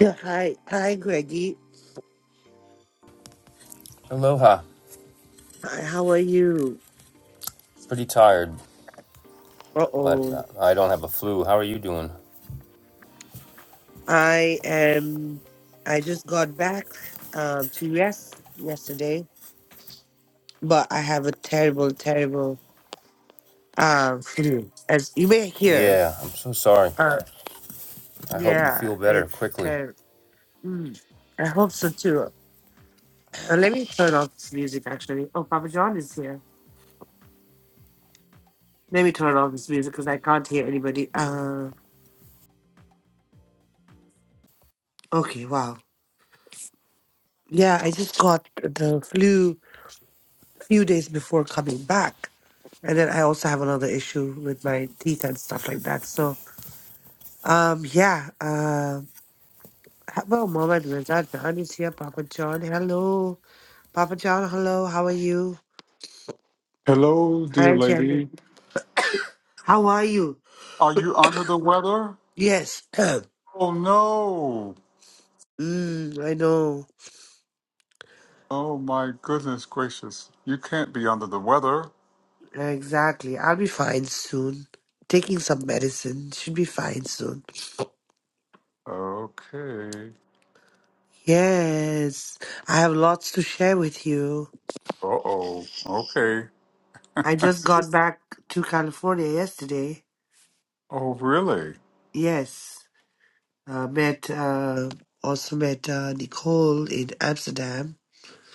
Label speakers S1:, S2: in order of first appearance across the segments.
S1: Yeah, hi, hi, Greggy.
S2: Aloha.
S1: Hi, how are you?
S2: Pretty tired,
S1: Uh
S2: but uh,
S1: oh,
S2: I don't have a flu. How are you doing?
S1: I am. I just got back um, to rest yesterday, but I have a terrible, terrible um flu. As you may hear,
S2: Yeah, I'm so sorry.
S1: uh,
S2: I hope you
S1: yeah,
S2: feel better
S1: it's
S2: quickly.
S1: terrible. Mm, I hope so too. Uh, let me turn off this music. Actually, oh, Papa John is here. Let me turn off this music because I can't hear anybody. Uh, okay, wow. Yeah, I just got the flu few days before coming back. And then I also have another issue with my teeth and stuff like that. So, um, yeah. Uh, how about Mohammed Reza John is here. Papa John, hello. Papa John, hello. How are you?
S3: Hello, dear
S1: Hi, Jenny.
S3: lady.
S1: How are you?
S3: Are you under the weather?
S1: Yes. mm,
S3: Oh no.
S1: I know.
S3: Oh my goodness gracious. You can't be under the weather.
S1: Exactly. I'll be fine soon. Taking some medicine. Should be fine soon.
S3: Okay.
S1: Yes. I have lots to share with you.
S3: Uh oh. Okay.
S1: I just got back to California yesterday.
S3: oh really?
S1: Yes, uh, met uh, also met uh, Nicole in Amsterdam.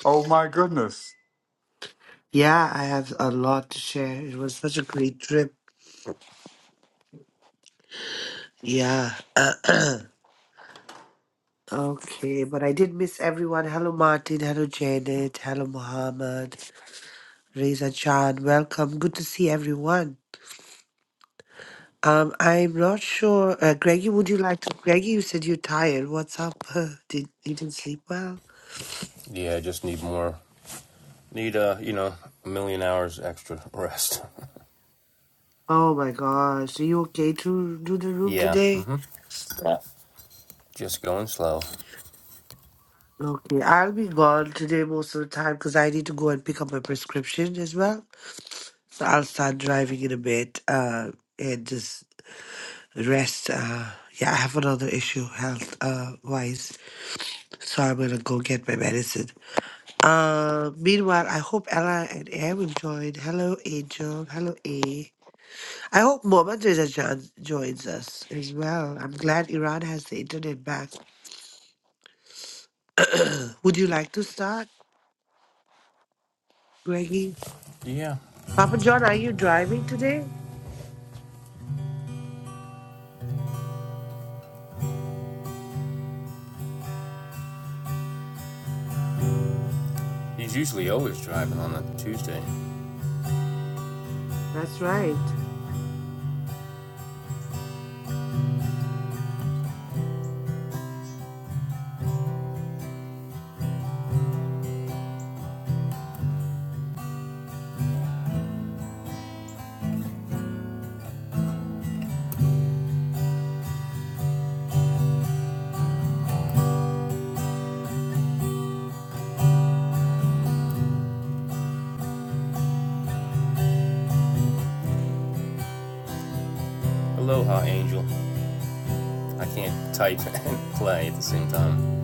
S3: Oh my goodness.
S1: Yeah, I have a lot to share. It was such a great trip. Yeah. okay, but I did miss everyone. Hello, Martin. Hello, Janet. Hello, Mohammed. Reza Chan. Welcome. Good to see everyone. Um, I'm not sure. Uh, Greggy, would you like to? Greggy, you said you're tired. What's up? did you didn't sleep well?
S2: Yeah, I just need more. Need, uh, you know, a million hours extra rest.
S1: Oh my gosh. Are you okay to do the room
S2: yeah, mm
S1: today?
S2: hmm
S1: Yeah.
S2: just going slow.
S1: Okay. I'll be gone today most of the time because I need to go and pick up my prescription as well. So I'll start driving in a bit uh, and just rest. Uh, yeah, I have another issue health uh, wise. So I'm going to go get my medicine. Uh, meanwhile, I hope Ella and Aaron joined. Hello, Angel. Hello, A. I hope Mohammed Reza Jan joins us as well. I'm glad Iran has the internet back. Would you like to start, Greggy?
S2: Yeah,
S1: Papa John, are you driving today?
S2: he's usually always driving on a Tuesday.
S1: That's right.
S2: Aloha, Angel. I can't type and play at the same time.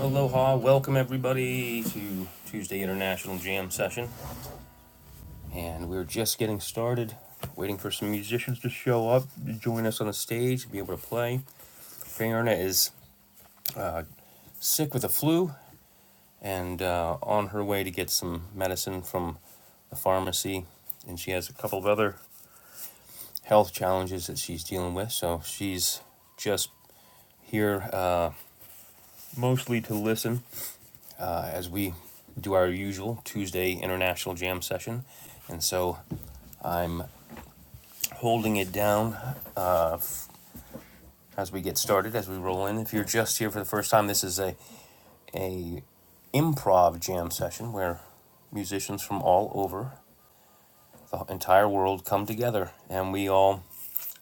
S2: Aloha, welcome everybody to Tuesday International Jam Session. and we were just getting started, waiting for some musicians to show up, to join us on the stage, be able to play. Fiona is uh, sick with the flu and uh, on her way to get some medicine from the pharmacy, and she has a couple of other health challenges that she's dealing with. So she's just here uh, mostly to listen uh, as we do our usual Tuesday international jam session. And so I'm holding it down as we get started, as we roll in. If you're just here for the first time, this is a, a improv jam session where musicians from all over the entire world come together and we all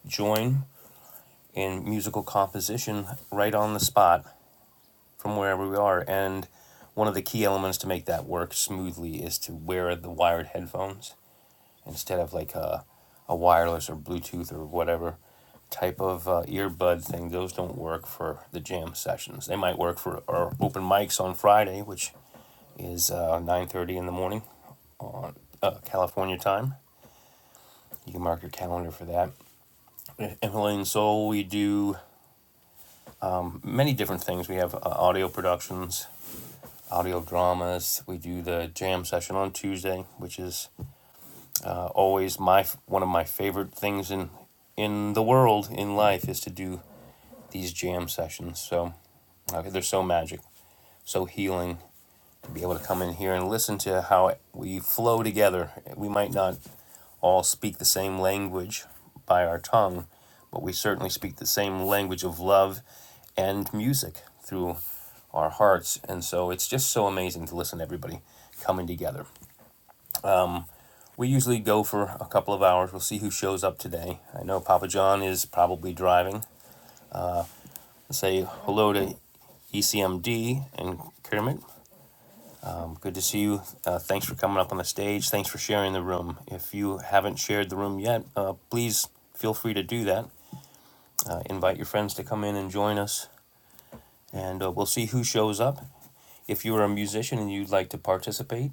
S2: join in musical composition right on the spot from wherever we are. And one of the key elements to make that work smoothly is to wear the wired headphones. instead of like a, a wireless or Bluetooth or whatever type of uh, earbud thing. Those don't work for the jam sessions. They might work for our open mics on Friday, which is uh, 9.30 in the morning on uh, California time. You can mark your calendar for that. In Himalayan Soul, we do many different things. We have uh, audio productions, audio dramas. We do the jam session on Tuesday, which is uh, always my one of my favorite things in in the world in life is to do these jam sessions. So uh, they're so magic, so healing to be able to come in here and listen to how we flow together. We might not all speak the same language by our tongue, but we certainly speak the same language of love and music through our hearts. And so it's just so amazing to listen to everybody coming together. We usually go for a couple of hours. We'll see who shows up today. I know Papa John is probably driving. Say hello to ECMD and Kermit. Good to see you. Uh, thanks for coming up on the stage. Thanks for sharing the room. If you haven't shared the room yet, uh, please feel free to do that. Uh, invite your friends to come in and join us, and uh, we'll see who shows up. If you are a musician and you'd like to participate,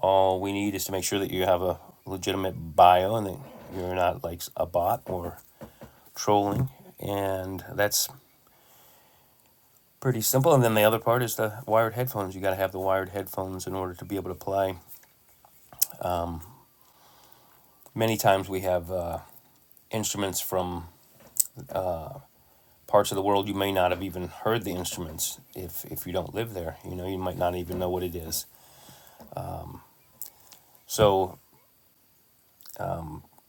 S2: all we need is to make sure that you have a legitimate bio and that you're not like a bot or trolling. And that's pretty simple. And then the other part is the wired headphones. You got to have the wired headphones in order to be able to play. Many times we have. Uh, instruments from parts of the world you may not have even heard the instruments if if you don't live there you know you might not even know what it is so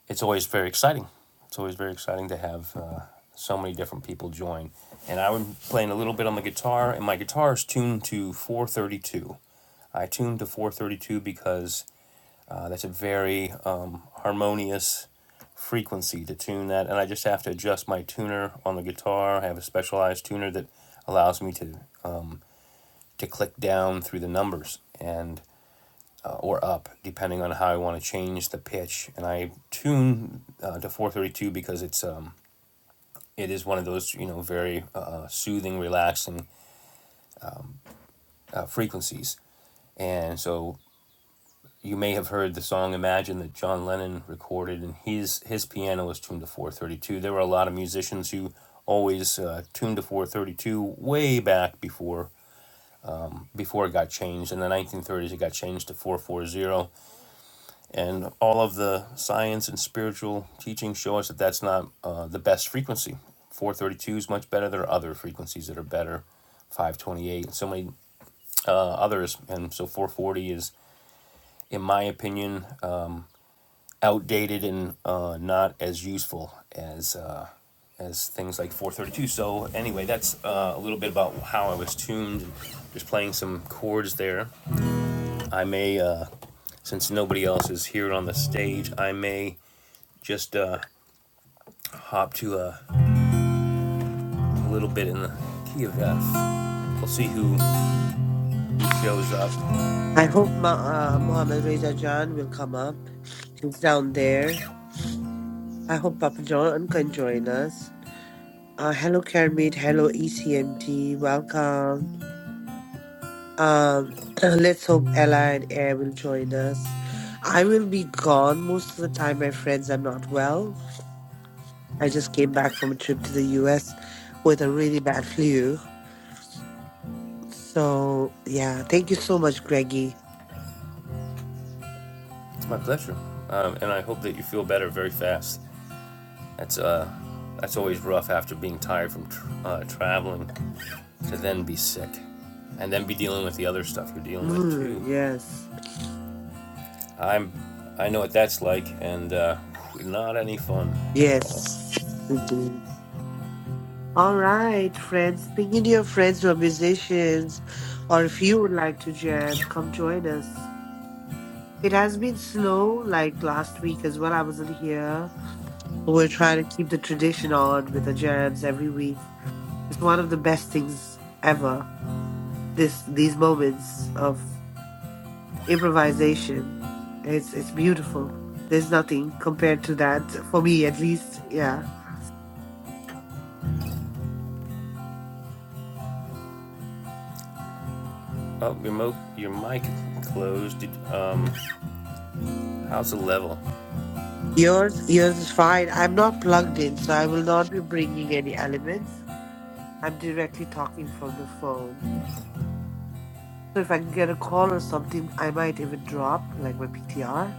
S2: it's always very exciting it's always very exciting to have uh, so many different people join and i'm playing a little bit on the guitar and my guitar is tuned to 432 i tuned to 432 because uh, that's a very um, harmonious frequency to tune that and i just have to adjust my tuner on the guitar i have a specialized tuner that allows me to to click down through the numbers and uh, or up depending on how I want to change the pitch. And I tune uh, to 432 because it's um, it is one of those you know very uh, uh, soothing, relaxing uh, frequencies. And so you may have heard the song "Imagine" that John Lennon recorded, and his his piano was tuned to 432. There were a lot of musicians who always uh, tuned to 432 way back before before it got changed. In the 1930s, it got changed to 440 and all of the science and spiritual teachings show us that that's not uh, the best frequency 432 is much better there are other frequencies that are better 528 and so many uh, others and so 440 is in my opinion uh, outdated and uh, not as useful as uh, as things like 432 so anyway that's uh, a little bit about how i was tuned just playing some chords there i may uh, since nobody else is here on the stage i may just uh, hop to a, a little bit in the key of F. We'll see who who shows up.
S1: I hope Ma- uh, Mohammed Reza John will come up. He's down there. I hope Papa John can join us. Uh, hello, Kermit. Hello, ECMT. Welcome. Um, let's hope Ella and Air will join us. I will be gone most of the time, my friends. I'm not well. I just came back from a trip to the US with a really bad flu. So yeah, thank you so much, Greggy.
S2: It's my
S1: Yeah.
S2: pleasure, um, and I hope that you feel better very fast. That's uh, that's always rough after being tired from tr uh, traveling to then be sick, and then be dealing with the other stuff you're dealing with
S1: Mm,
S2: too.
S1: yes,
S2: I'm I know what that's like, and uh, not any fun at all.
S1: yes. Mhm. All right, friends. Bring in your friends who are musicians, or if you would like to jam, come join us. It has been slow, like last week as well. I wasn't here. We're trying to keep the tradition on with the jams every week. It's one of the best things ever. This these moments of improvisation. It's it's beautiful. There's nothing compared to that for me, at least. Yeah,
S2: Oh, your mo- your mic closed. Did, um, how's the level?
S1: yours yours is fine. I'm not plugged in, so I will not be bringing any elements. I'm directly talking from the phone. So if I can get a call or something, I might even drop like my PTR.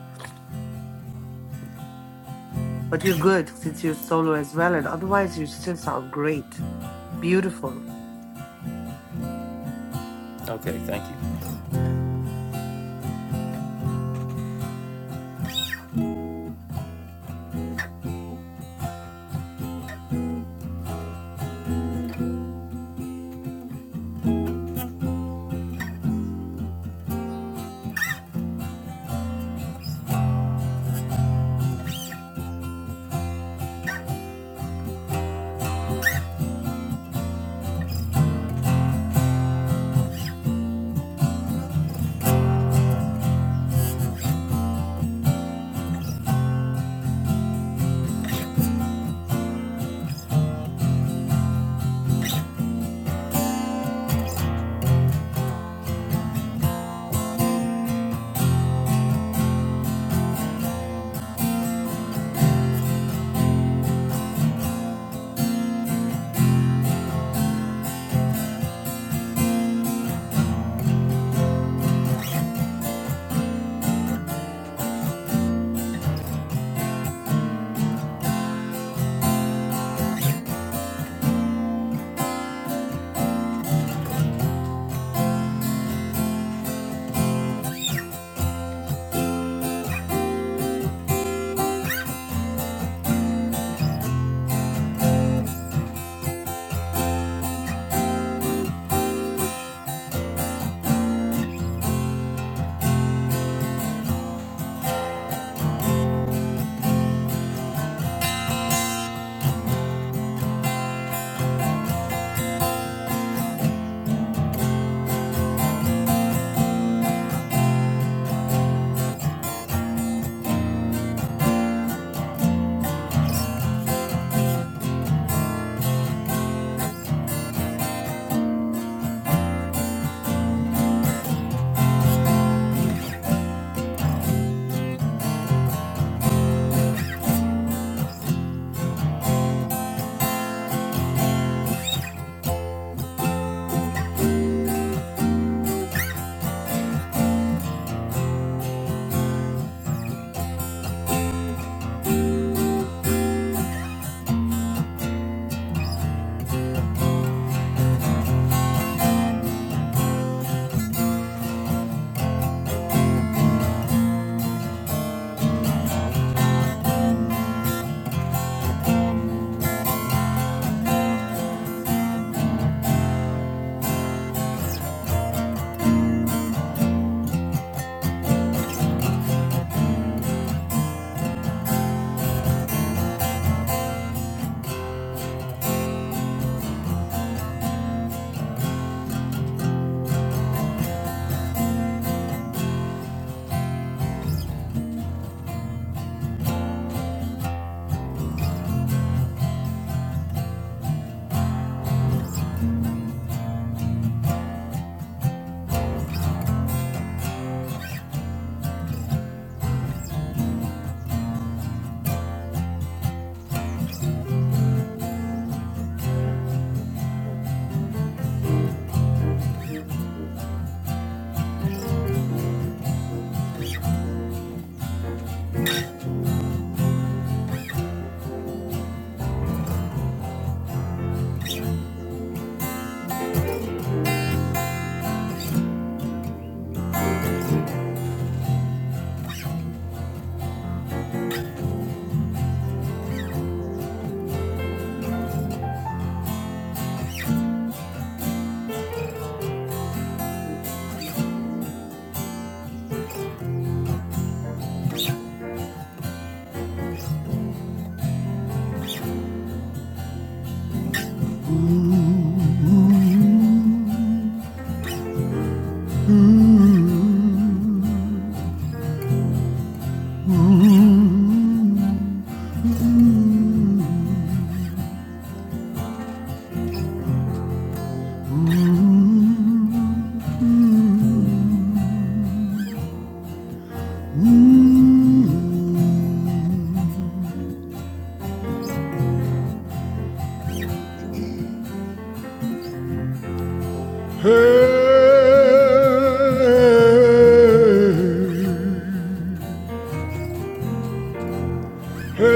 S1: But you're good since you're solo as well, and otherwise you still sound great, beautiful.
S2: Okay, thank you.
S3: Hey. Hey,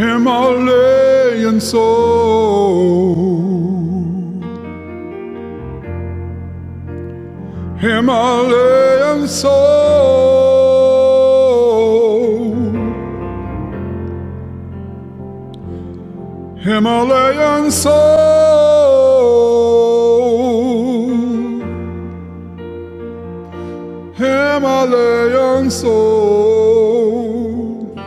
S3: Himalayan soul, Himalayan soul, Himalayan soul, Himalayan soul.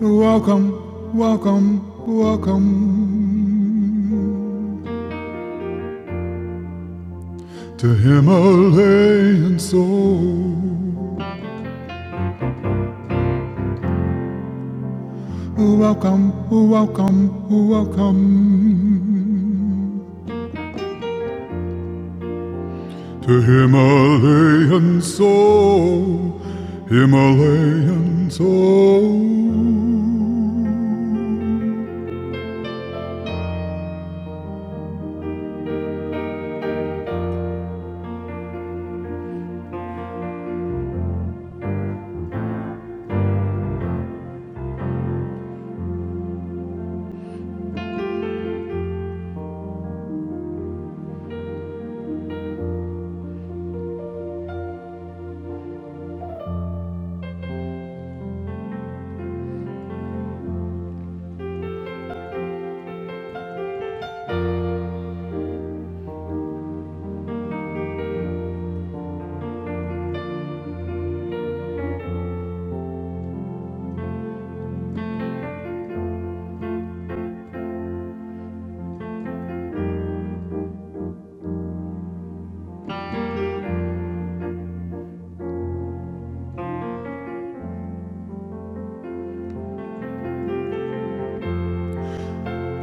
S3: Welcome, welcome, welcome to Himalayan Soul. Welcome, welcome, welcome to Himalayan Soul. Himalayan Soul.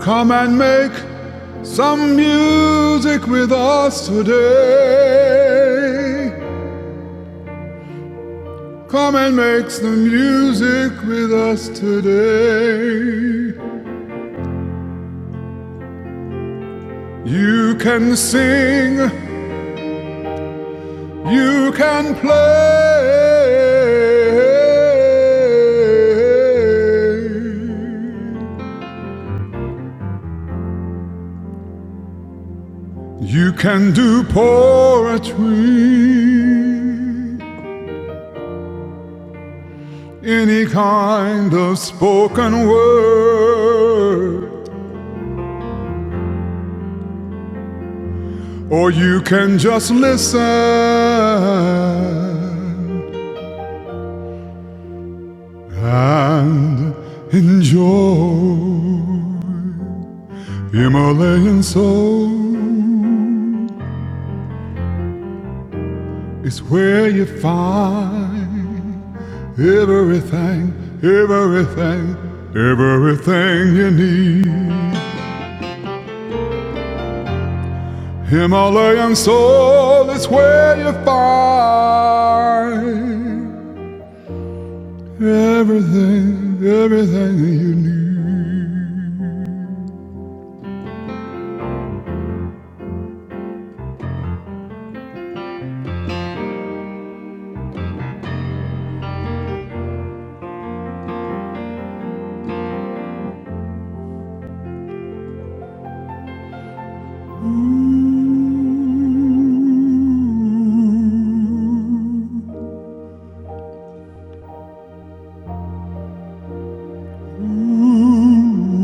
S3: Come and make some music with us today. Come and make some music with us today. You can sing, you can play, you can do poetry, any kind of spoken word, or you can just listen and enjoy. Himalayan soul is where you find everything, everything, everything you need. Himalayan soul is where you find everything, everything you need. D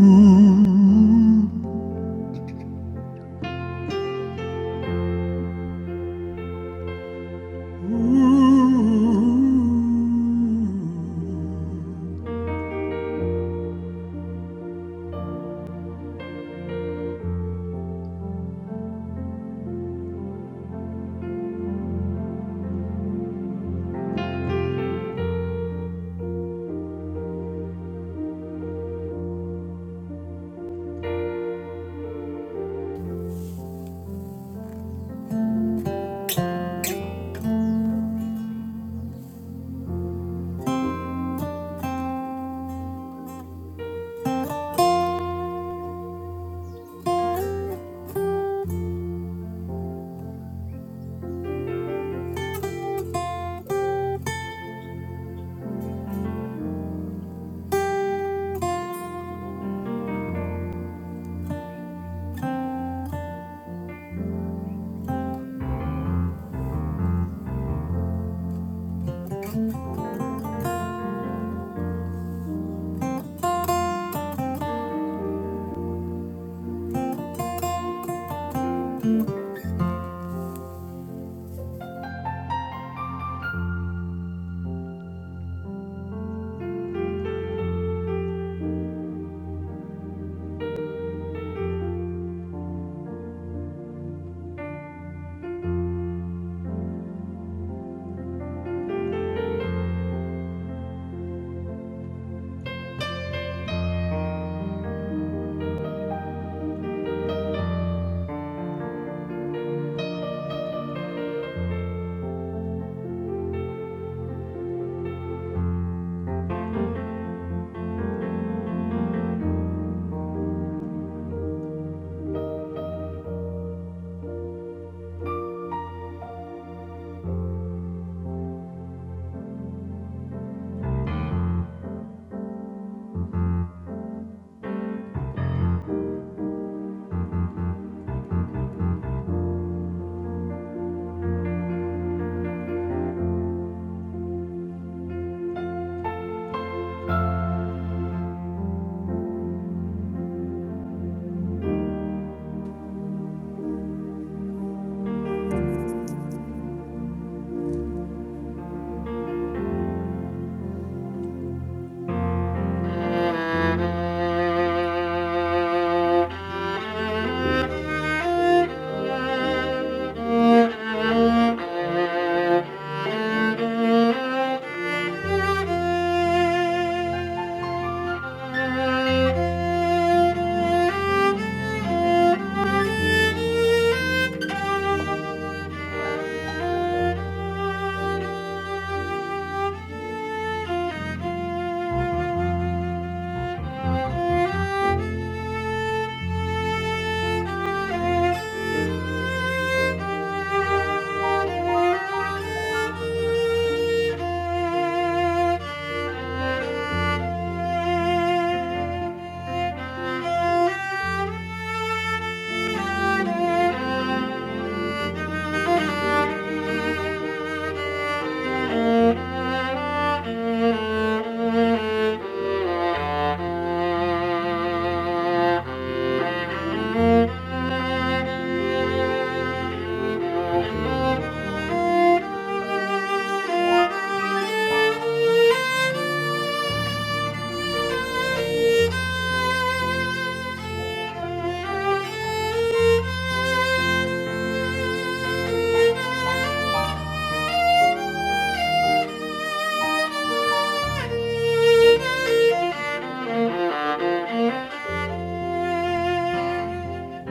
S4: Thank you. Thank you. Thank you. Thank you.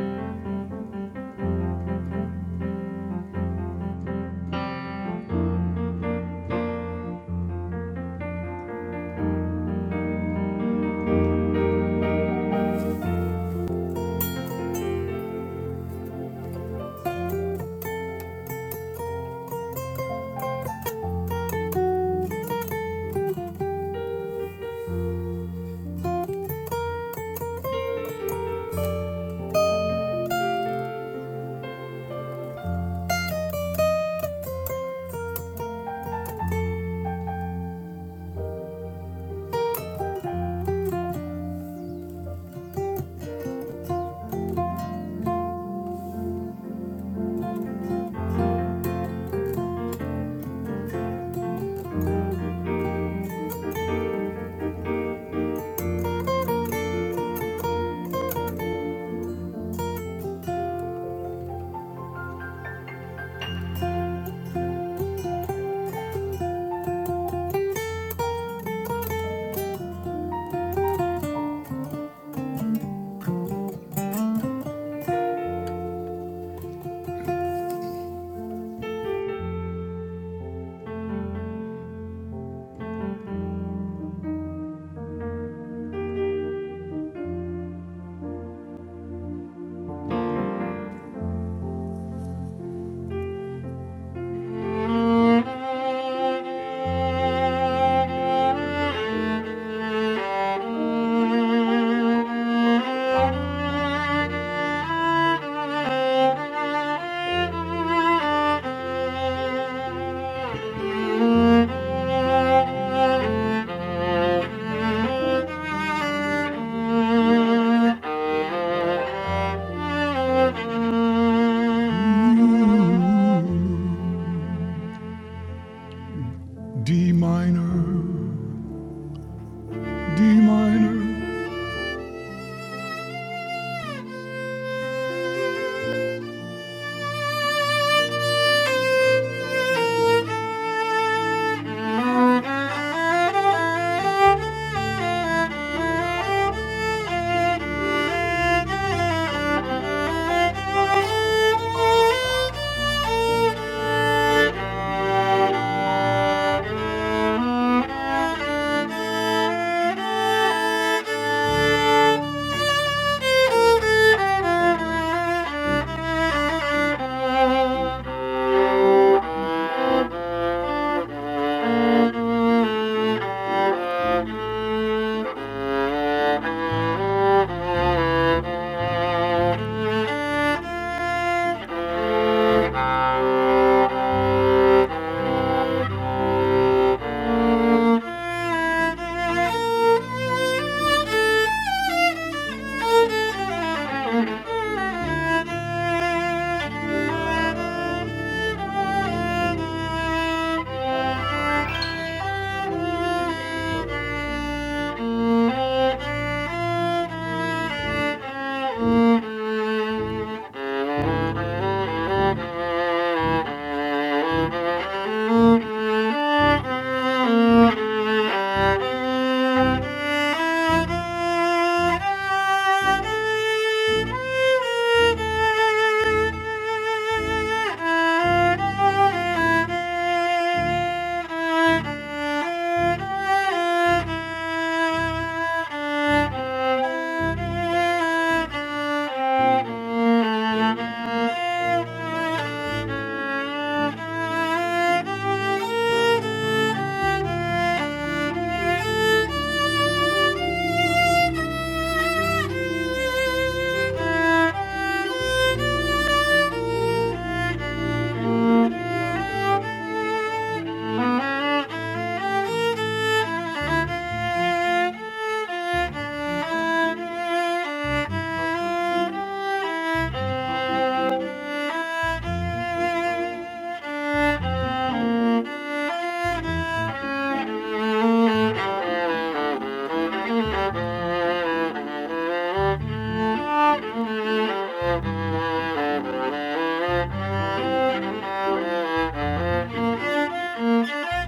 S4: Thank you.
S3: minor, D minor.
S4: Thank you. Thank you. Thank you. Thank you. Thank you. Thank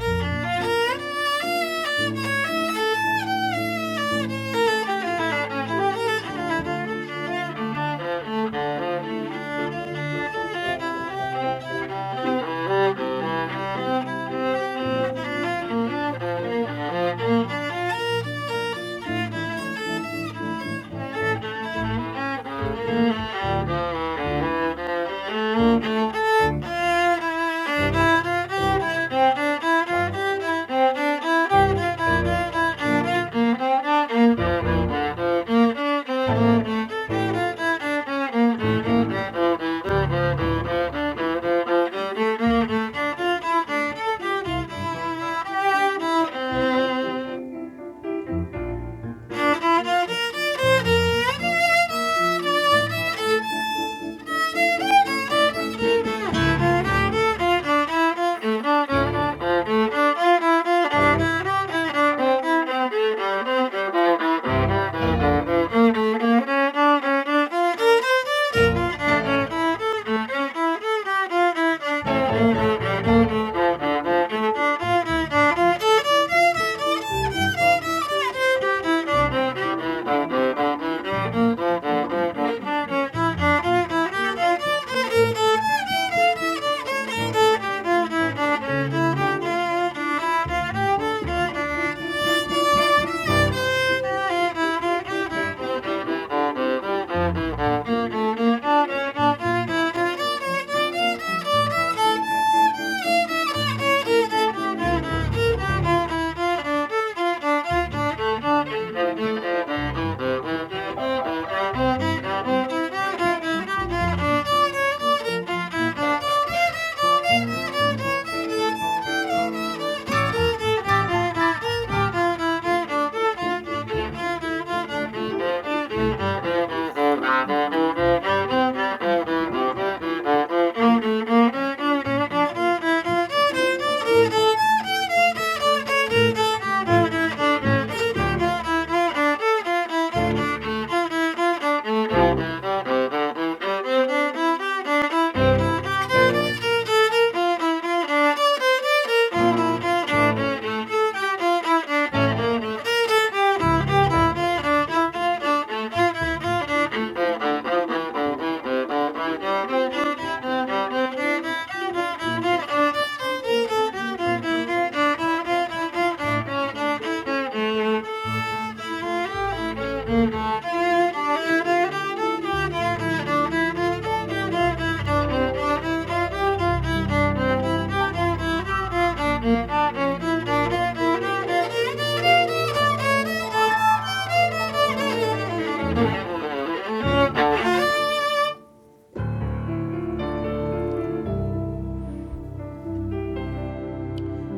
S4: you. Thank you. Thank you. Thank you. Thank you. Thank you. Thank you. Thank you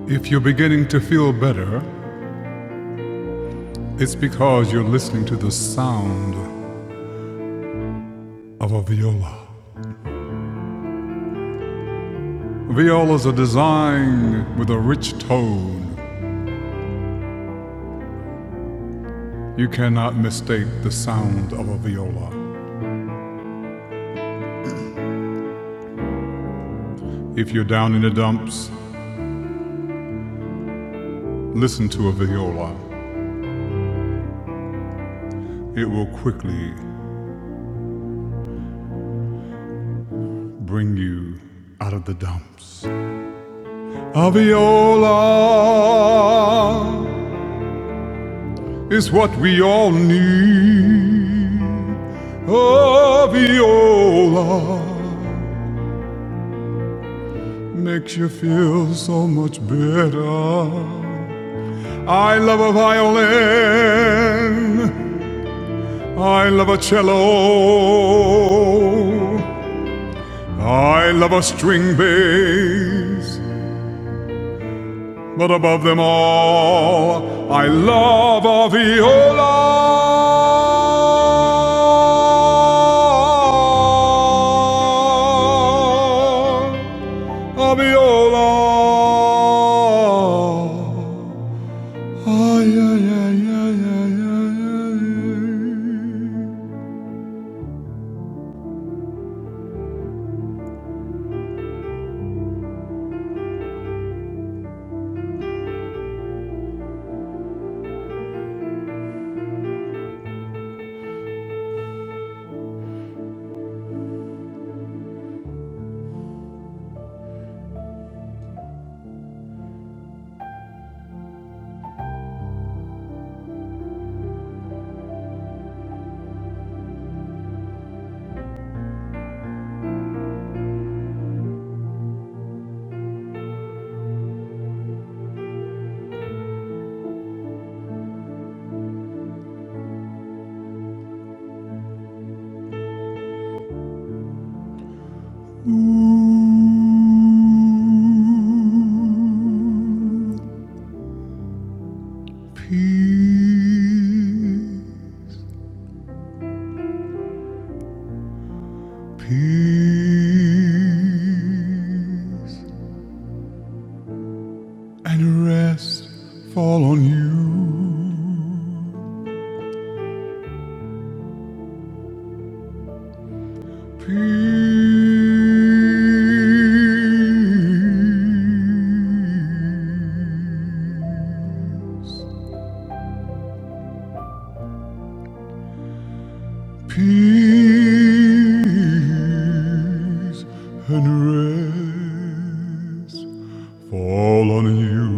S3: If you're beginning to feel better, it's because you're listening to the sound of a viola. Violas are designed with a rich tone. You cannot mistake the sound of a viola. If you're down in the dumps, listen to a viola. It will quickly bring you out of the dumps. Aviola is what we all need. Aviola makes you feel so much better. I love a violin. I love a cello. I love a string bass. But above them all, I love a viola. A viola. Ay, ay, ay, ay, ay, ay, ay. Ooh, peace. Peace and rest fall on you. Peace. Peace and rest fall on you.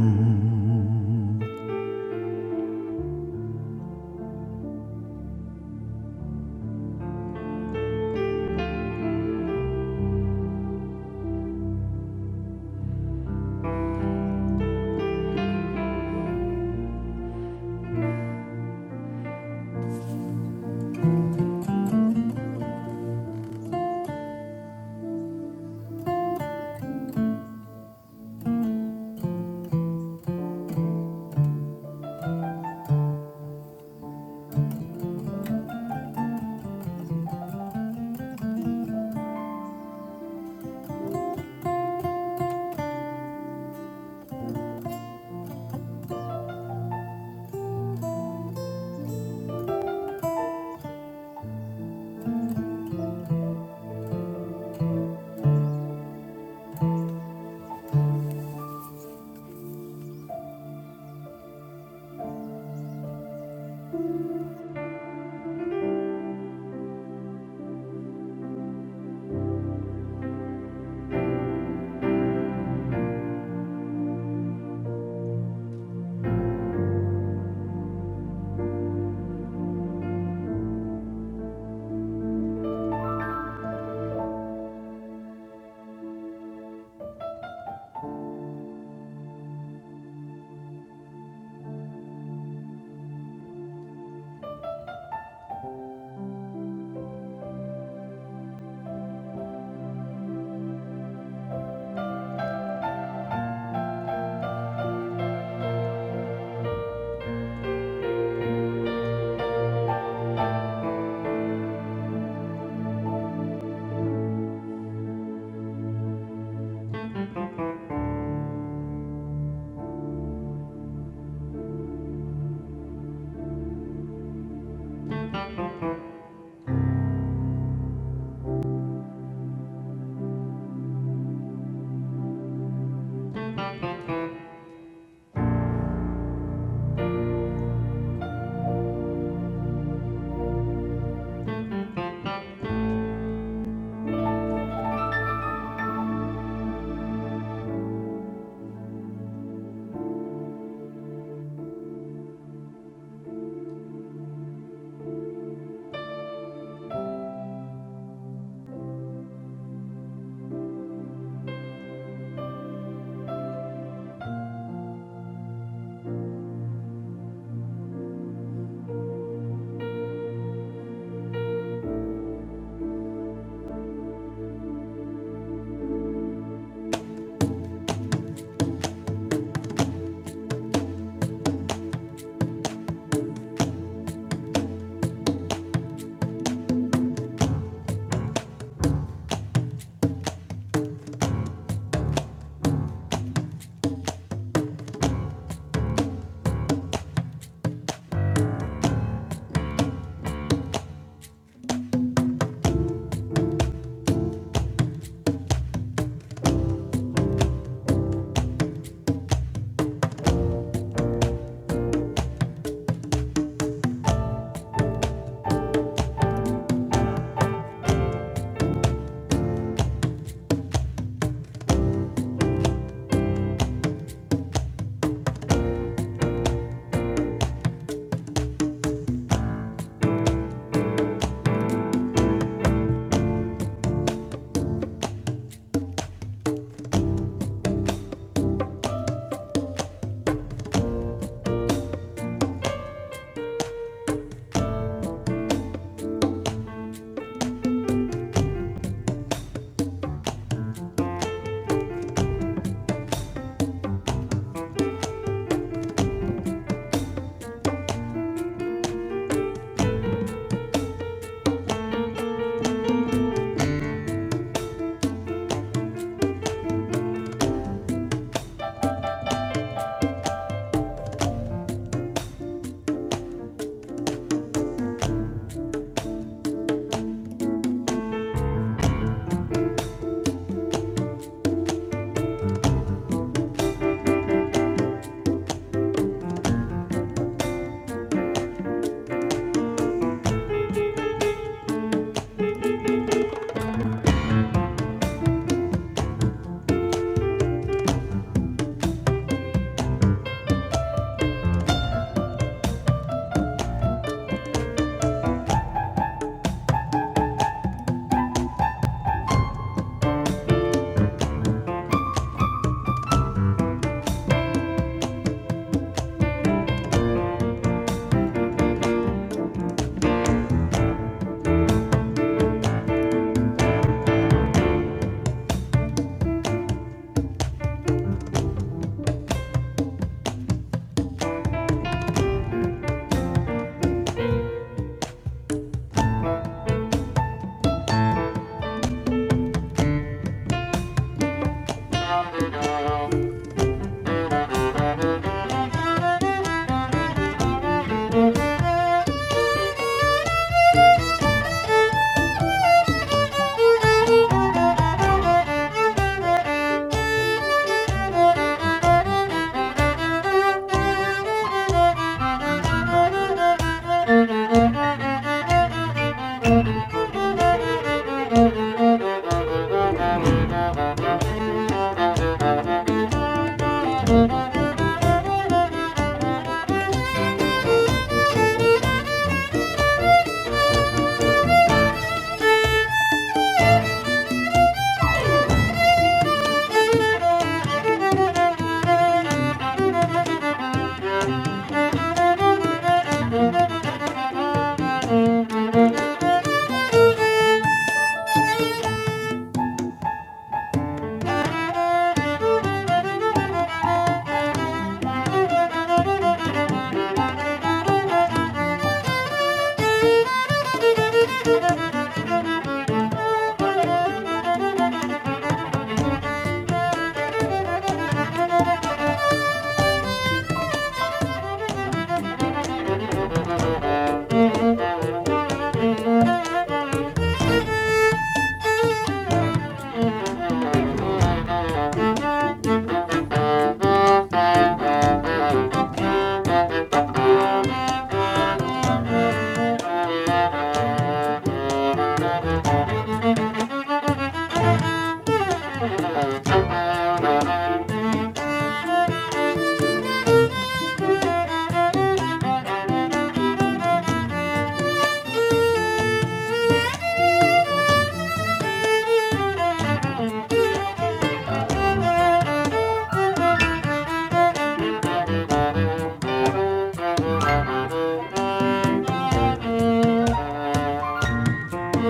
S4: oh, you. Thank you. Thank you. Thank you. Thank you. Thank you. Thank you. Thank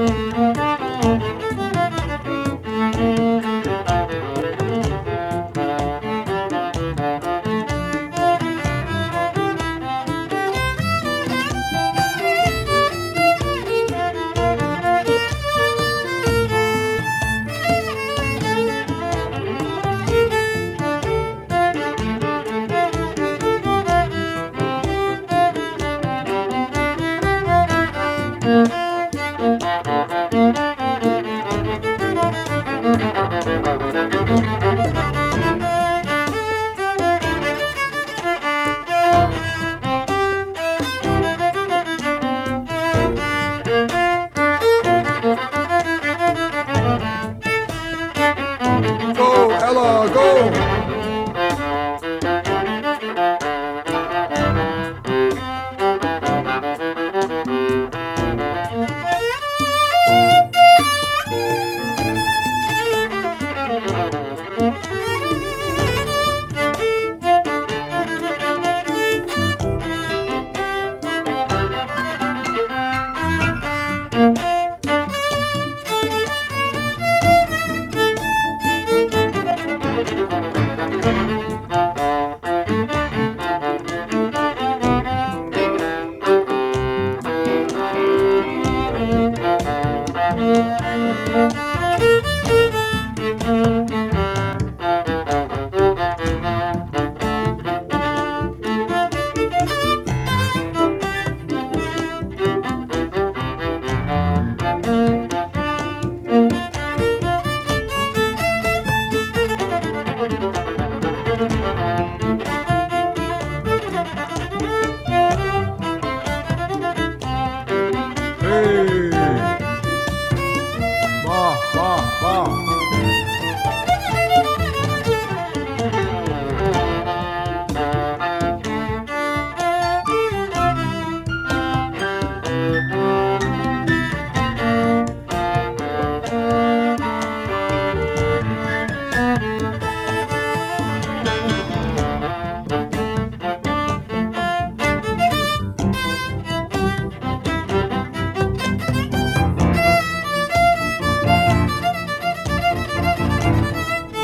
S4: you. Thank you.
S3: Go, Ella, go!
S4: Thank you. Thank you.
S3: Hey! Ba, ba, ba.
S4: Thank you. Thank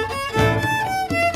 S4: you.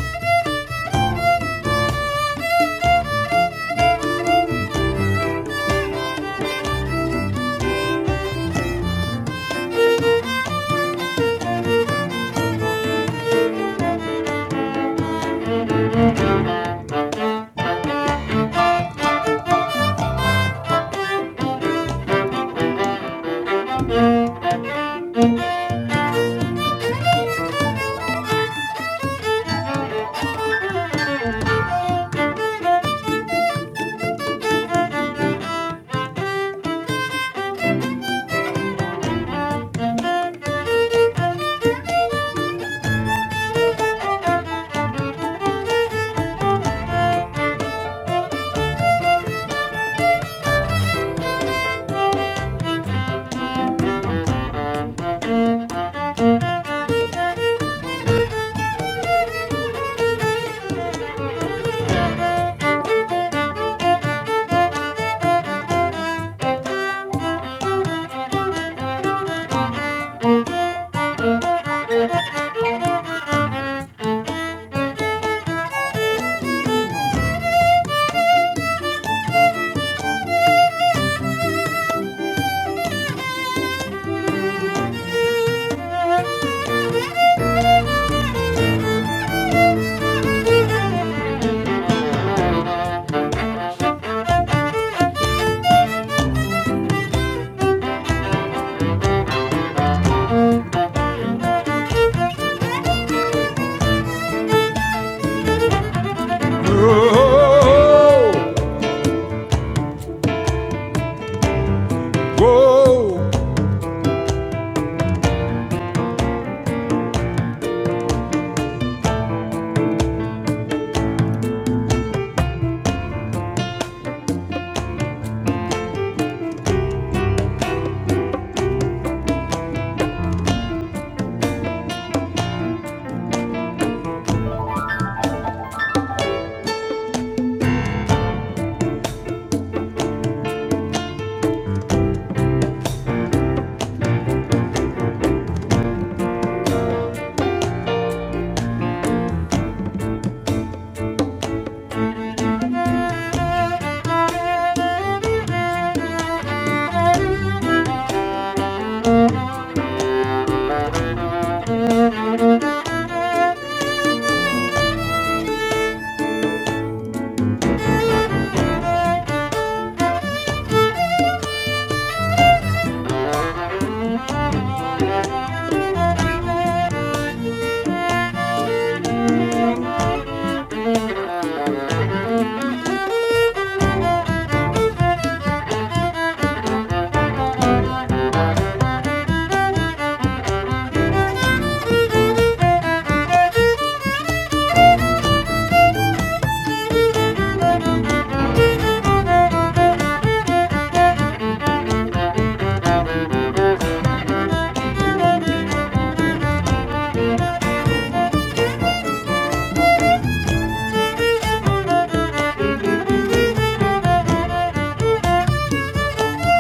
S4: Thank you. Thank you.
S3: Whoa,
S4: Thank you.
S3: whoa.
S4: Thank you. Thank you.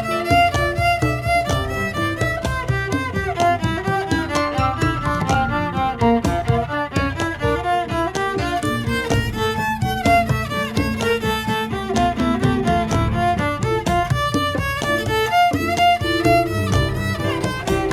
S4: Thank you. Thank you.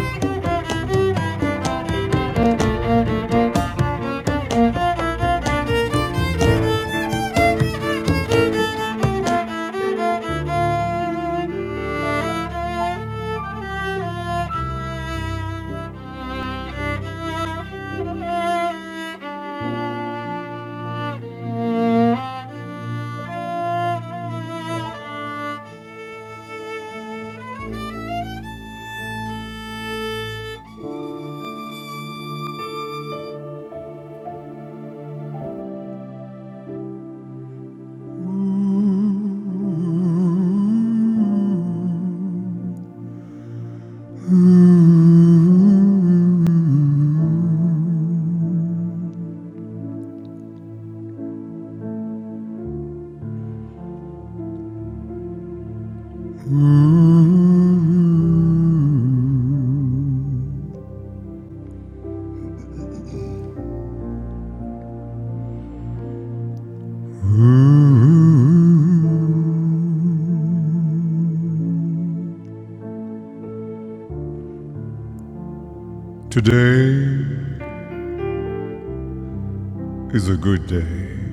S4: Thank
S3: Today is a good day.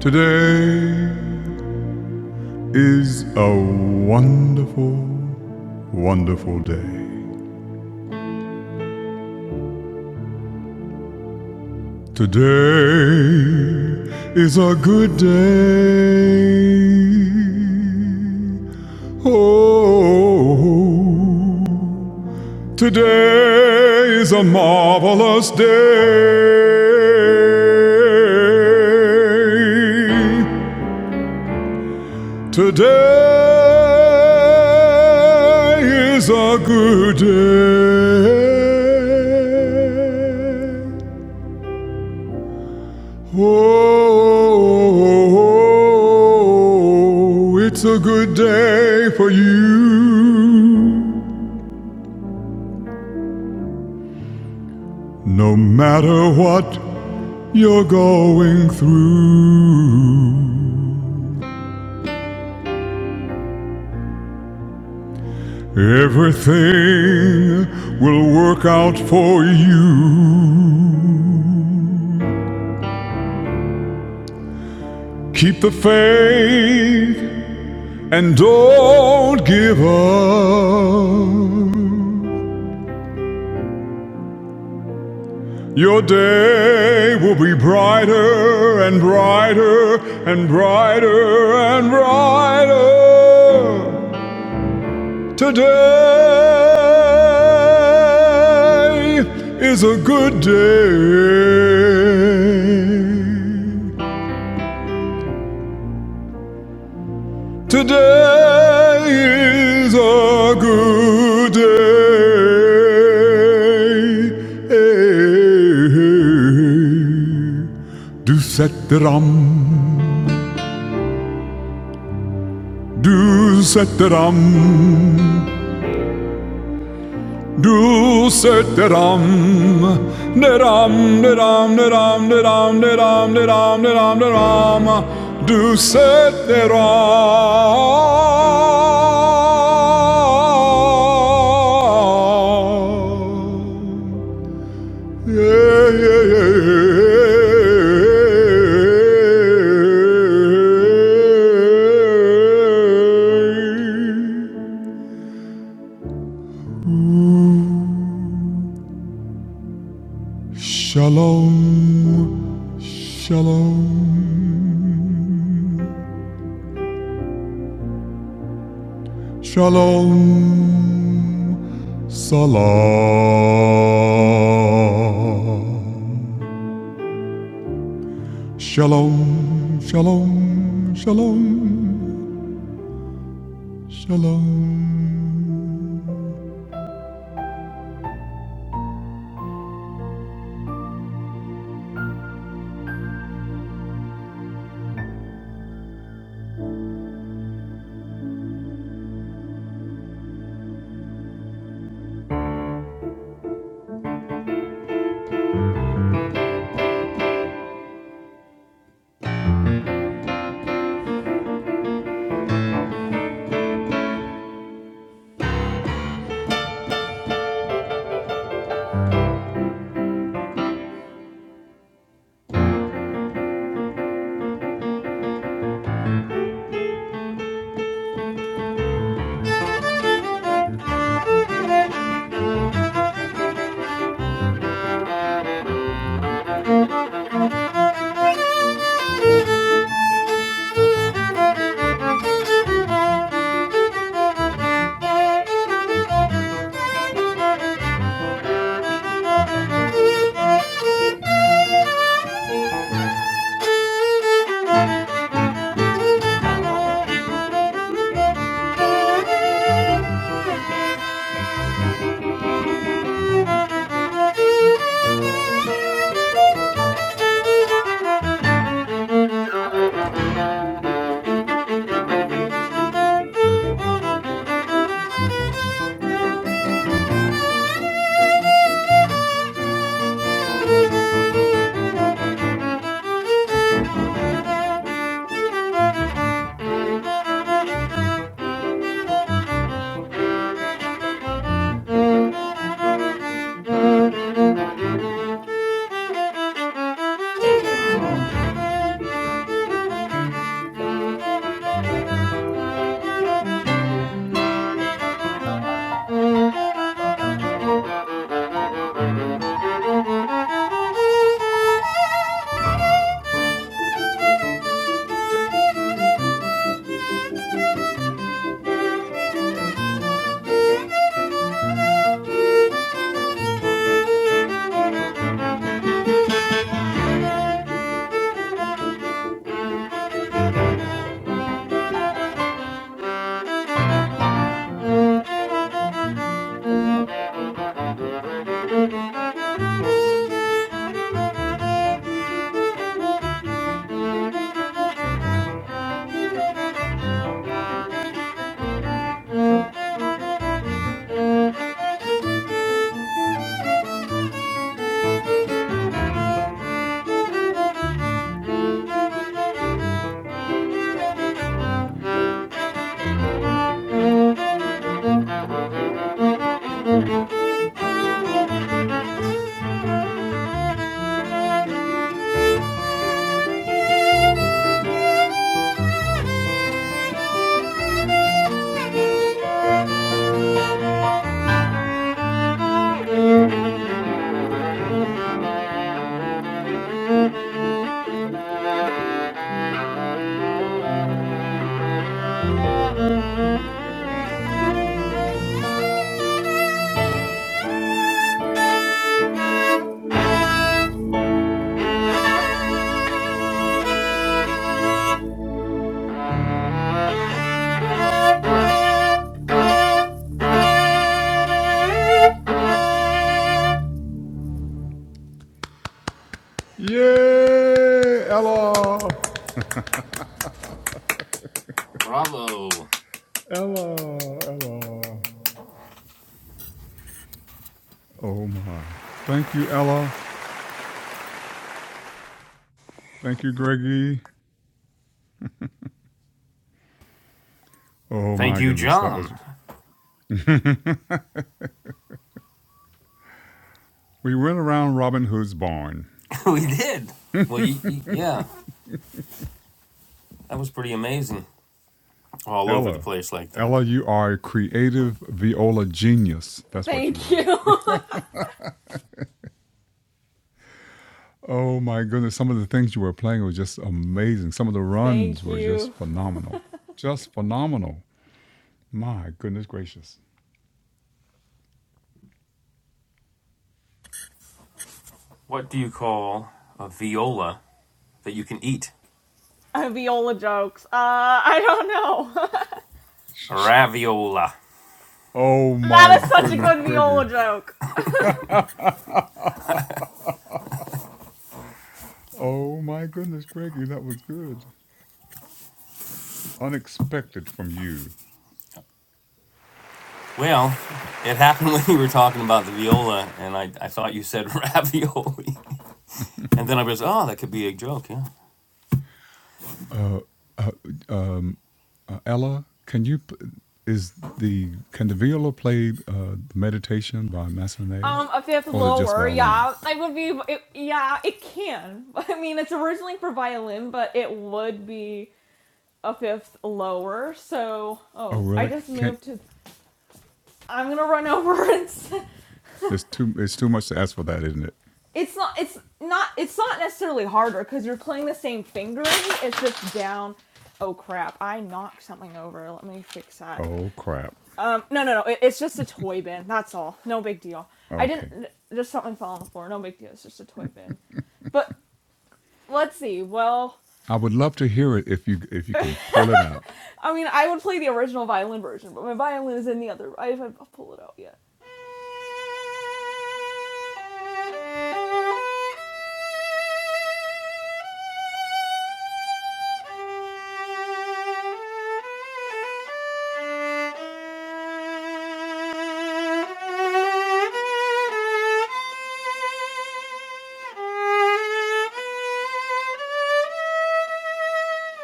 S3: Today is a wonderful wonderful day. Today is a good day. Oh, today is a marvelous day. Today is a good day. Oh, it's a good day for you. No matter what you're going through, everything will work out for you. Keep the faith and don't give up. Your day will be brighter and brighter and brighter and brighter. Today is a good day. Today is a good day. Do set the an Du setter ram, du setter ram. Det ram, det ram, det ram, det ram, det ram, det ram, det ram, det ram. Du setter ram. Yeah, yeah, yeah, yeah. Shalom. Shalom. Shalom. Salam. Shalom. Shalom. Shalom. Shalom.
S4: you. Thank you. Thank you. Thank you. Thank you. Thank you. Thank you. Thank
S3: Yay! Ella!
S2: Bravo.
S3: Ella! Ella! Oh my. Thank you, Ella. Thank you, Greggy. Oh
S2: Thank
S3: my
S2: you,
S3: goodness, that
S2: John.
S3: was. We went around Robin Hood's barn.
S2: we did. Well, you, you, yeah, that was pretty amazing. all over the
S3: Ella,
S2: place like that.
S3: Ella, you are a creative viola genius. That's what you are.
S4: you.
S3: Oh my goodness, some of the things you were playing were just amazing. Some of the runs
S4: Thank
S3: were
S4: you.
S3: just phenomenal. Just phenomenal. My goodness gracious.
S2: What do you call a viola that you can eat?
S4: Uh, viola jokes. Uh, I don't know.
S2: A raviola.
S3: Oh my
S4: that is such a
S3: goodness,
S4: good
S3: Greggy.
S4: viola joke.
S3: oh my goodness, Greggy, that was good. Unexpected from you.
S2: Well, it happened when you were talking about the viola, and I, I thought you said ravioli. And then I was, oh, that could be a joke, yeah.
S3: Uh, uh, um, Uh, Ella, can you? p- Is the can the viola play uh, meditation by Massenet,
S4: Um, a fifth
S3: or is it just
S4: lower,
S3: violin?
S4: yeah. I would be, it, yeah, it can. I mean, it's originally for violin, but it would be a fifth lower. So,
S3: Oh,
S4: oh, I
S3: really?
S4: just
S3: Can't.
S4: moved to. I'm gonna run over and
S3: It's too. It's too much to ask for that, isn't it?
S4: it's not it's not it's not necessarily harder because you're playing the same fingering it's just down oh crap i knocked something over let me fix that
S3: Oh crap.
S4: um no no no it, it's just a toy bin that's all no big deal i didn't
S3: Okay.
S4: just something fell on the floor no big deal it's just a toy bin but let's see well
S3: I would love to hear it if you if you can pull it out.
S4: i mean i would play the original violin version but my violin is in the other i haven't pulled it out yet Thank you. Thank you.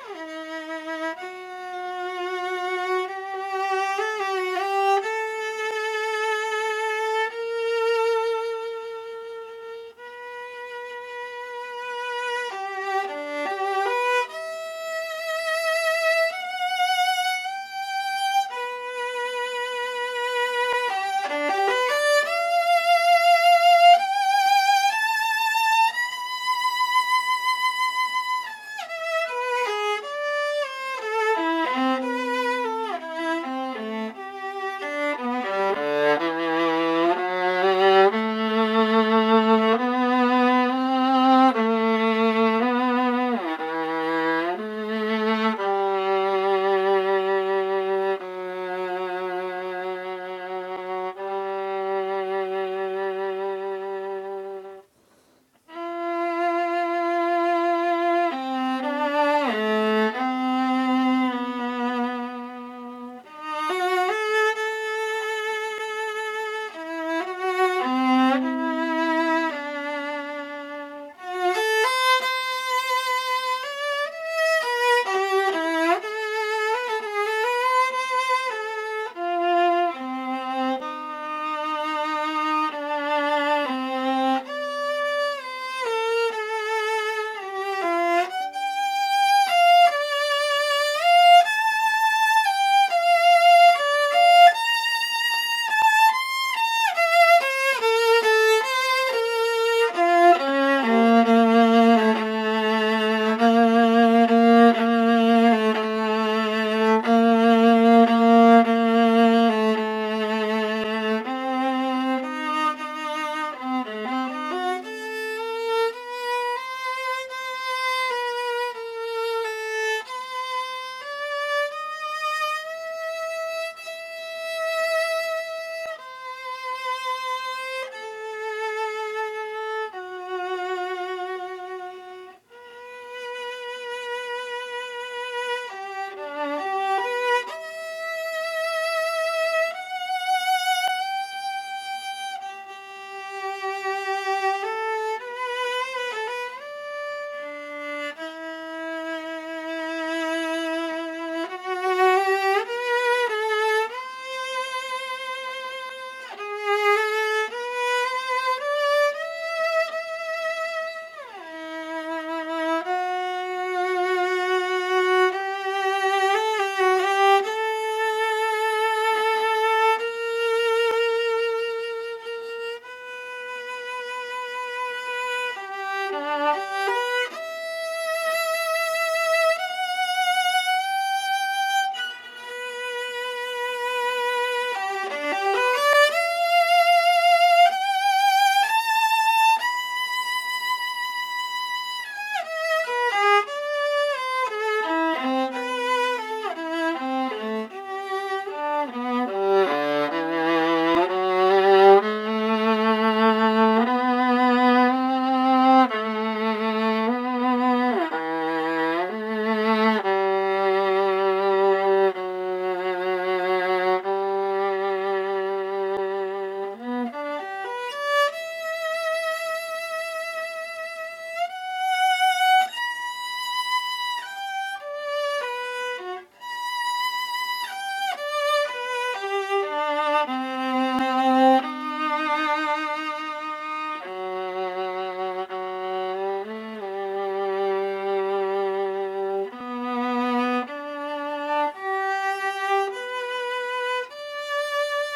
S4: Thank you. Thank you. Thank you. Thank you. Thank you. Thank you. Thank you. Thank you.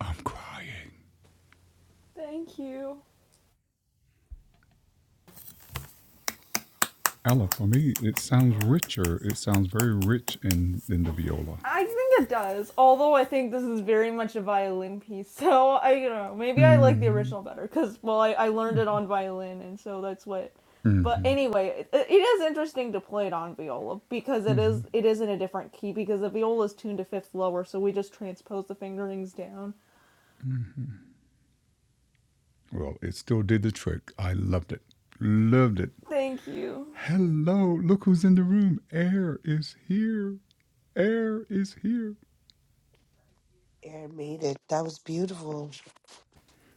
S3: I'm crying.
S4: Thank you.
S3: Ella, for me, it sounds richer. It sounds very rich in in the viola.
S4: I think it does. Although I think this is very much a violin piece, so I don't know. Maybe I like the
S3: hmm
S4: original better because well, I, I learned it on violin, and so that's what. But
S3: hmm
S4: anyway, it, it is interesting to play it on viola because it is it is in a different key because the viola is tuned to fifth lower, so we just transpose the fingerings down.
S3: Well, it still did the trick. I loved it. Loved it.
S4: Thank you,
S3: Hello, look who's in the room. Air is here. Air is here.
S1: Yeah, I made it. That was beautiful,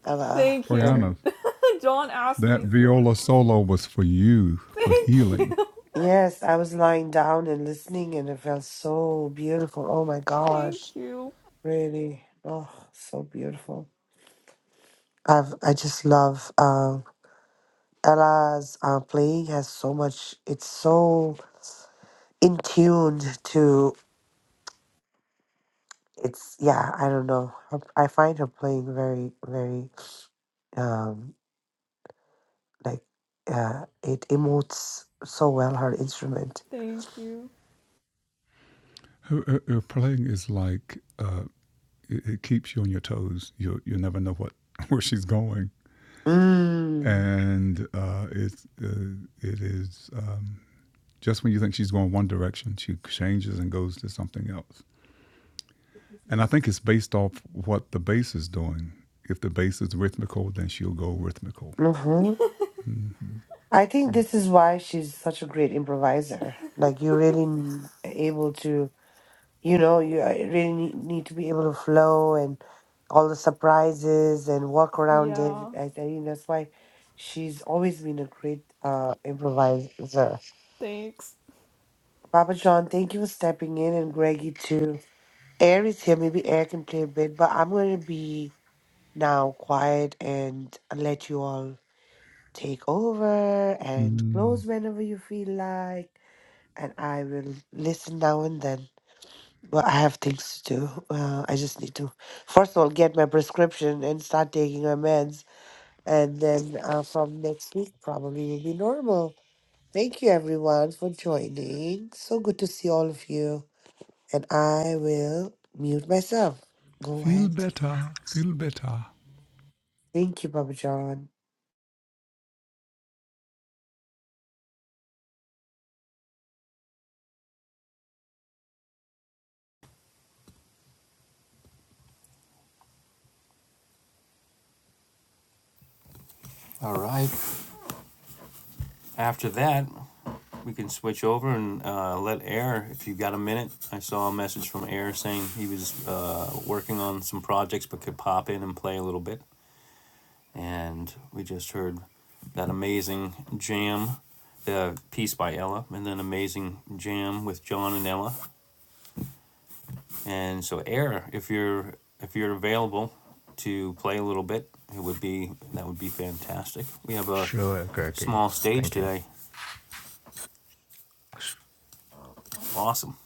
S1: Ella.
S4: thank you.
S3: Koyana,
S4: John asked
S3: that
S4: me, so
S3: viola solo was for you, for
S4: thank
S3: healing.
S4: you,
S1: Yes, I was lying down and listening, and it felt so beautiful. Oh my
S4: thank
S1: gosh,
S4: you,
S1: really, oh, so beautiful. I've I just love um, Ella's uh, playing has so much. It's so in tuned to. It's yeah, I don't know. Her, I find her playing very, very um like uh it emotes so well her instrument.
S4: thank you.
S3: Her, her- her playing is like, uh, it, it keeps you on your toes. You, you never know what where she's going.
S1: Mm.
S3: And uh, it's, uh, it is um, just when you think she's going one direction, she changes and goes to something else. And I think it's based off what the bass is doing. If the bass is rhythmical, then she'll go rhythmical
S1: I think this is why she's such a great improviser. Like you really n- able to, you know, you uh, really need, need to be able to flow and all the surprises and work around it.
S4: Yeah,
S1: I think that's why she's always been a great uh, improviser.
S4: thanks.
S1: Papa John, thank you for stepping in, and Greggy too. Air is here. Maybe Air can play a bit, but I'm going to be now quiet and let you all take over and close
S3: Mm.
S1: whenever you feel like. and I will listen now and then. But I have things to do. Uh, I just need to, first of all, get my prescription and start taking my meds. And then uh, from next week, probably will be normal. Thank you, everyone, for joining. So good to see all of you. And I will mute myself. Go
S3: Feel
S1: ahead.
S3: better, feel better.
S1: Thank you, Papa John.
S2: All right. After that, we can switch over and uh, let Air, if you have got a minute. I saw a message from Air saying he was uh, working on some projects but could pop in and play a little bit. and we just heard that amazing jam, the piece by Ella, and then amazing jam with John and Ella. And so, Air, if you're if you're available to play a little bit, it would be that would be fantastic. We have a
S5: Sure, Greggy.
S2: small stage
S5: Thank you.
S2: today.
S5: Sh-
S2: Awesome.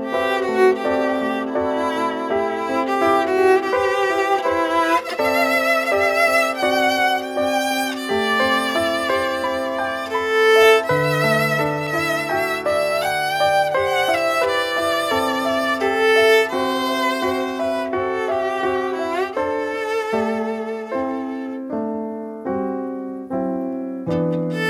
S4: Thank you. Thank you.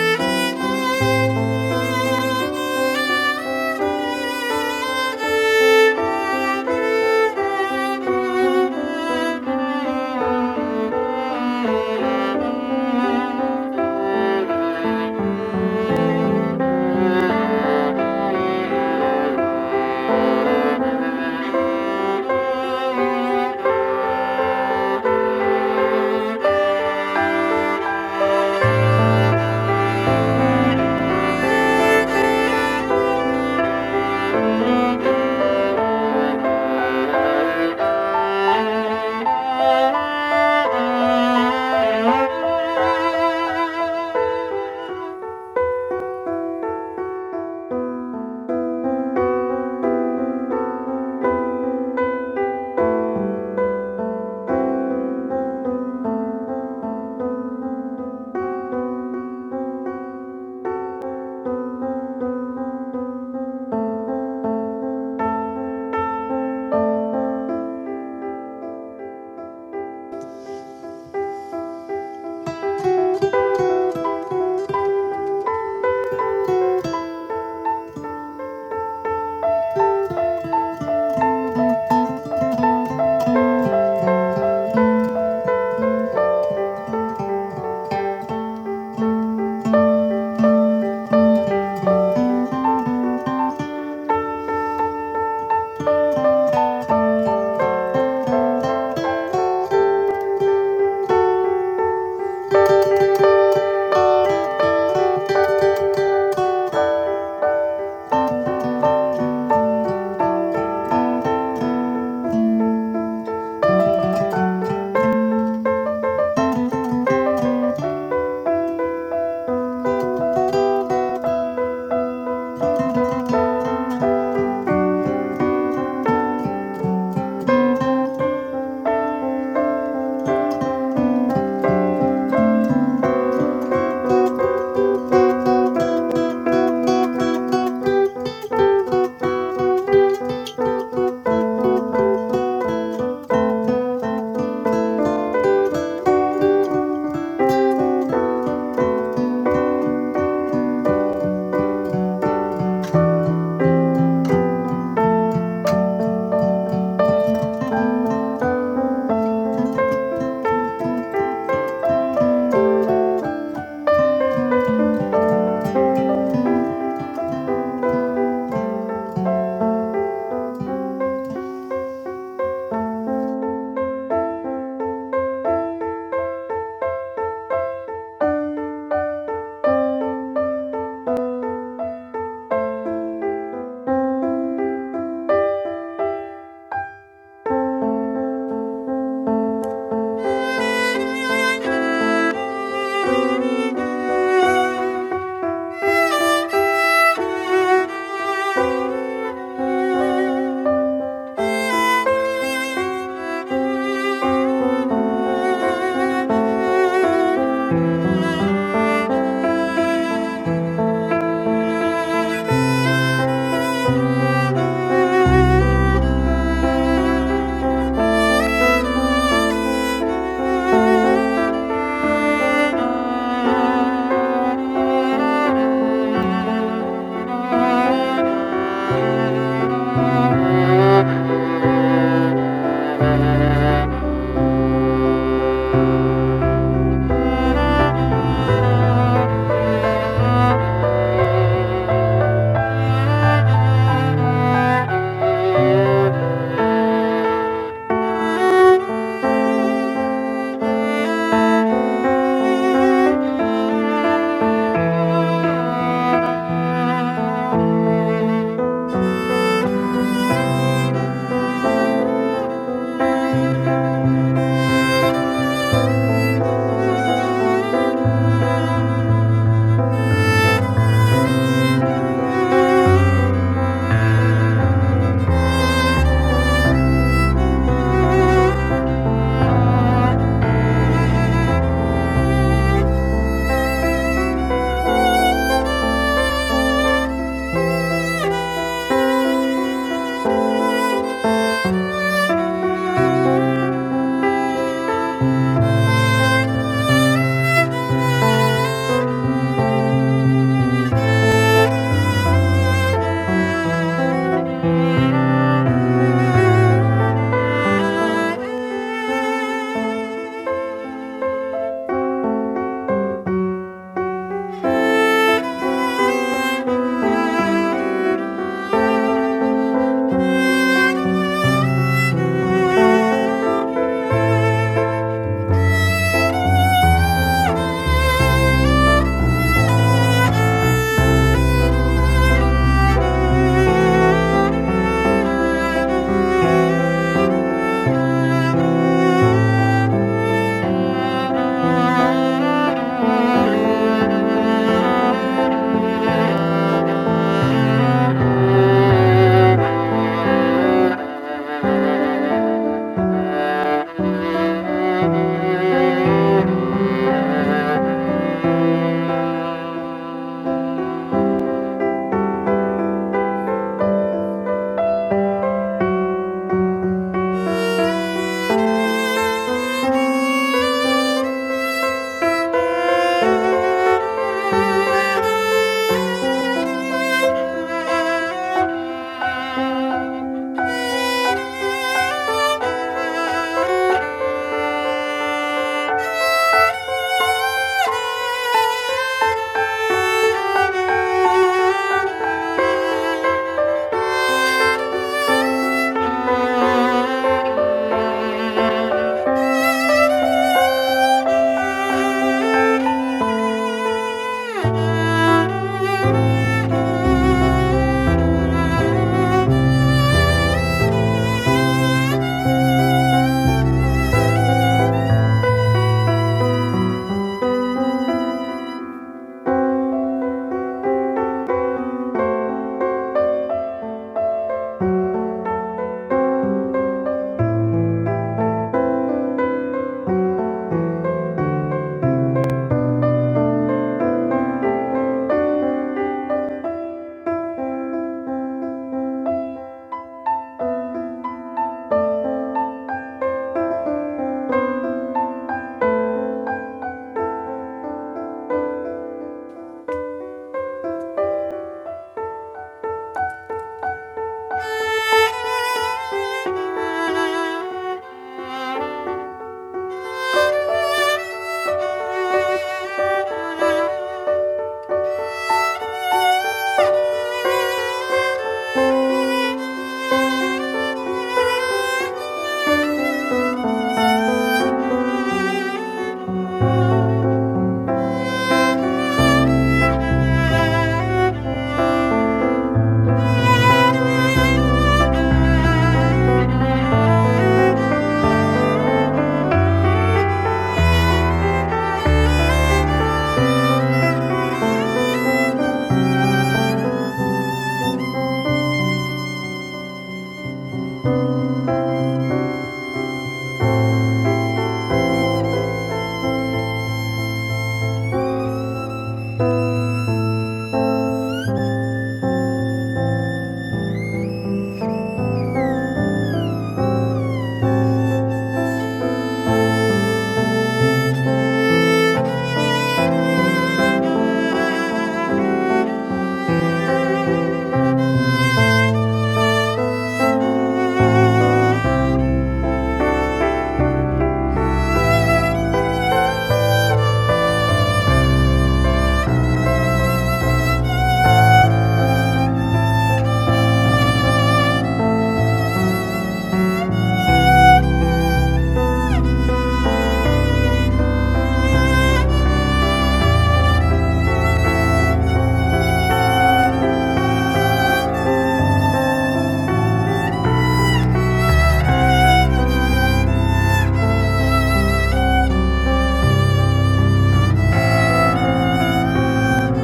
S4: Thank you. Thank you. Thank you. Thank you. Thank you. Thank Thank you. Thank you. Thank you. Thank you. Thank you. Thank you. Thank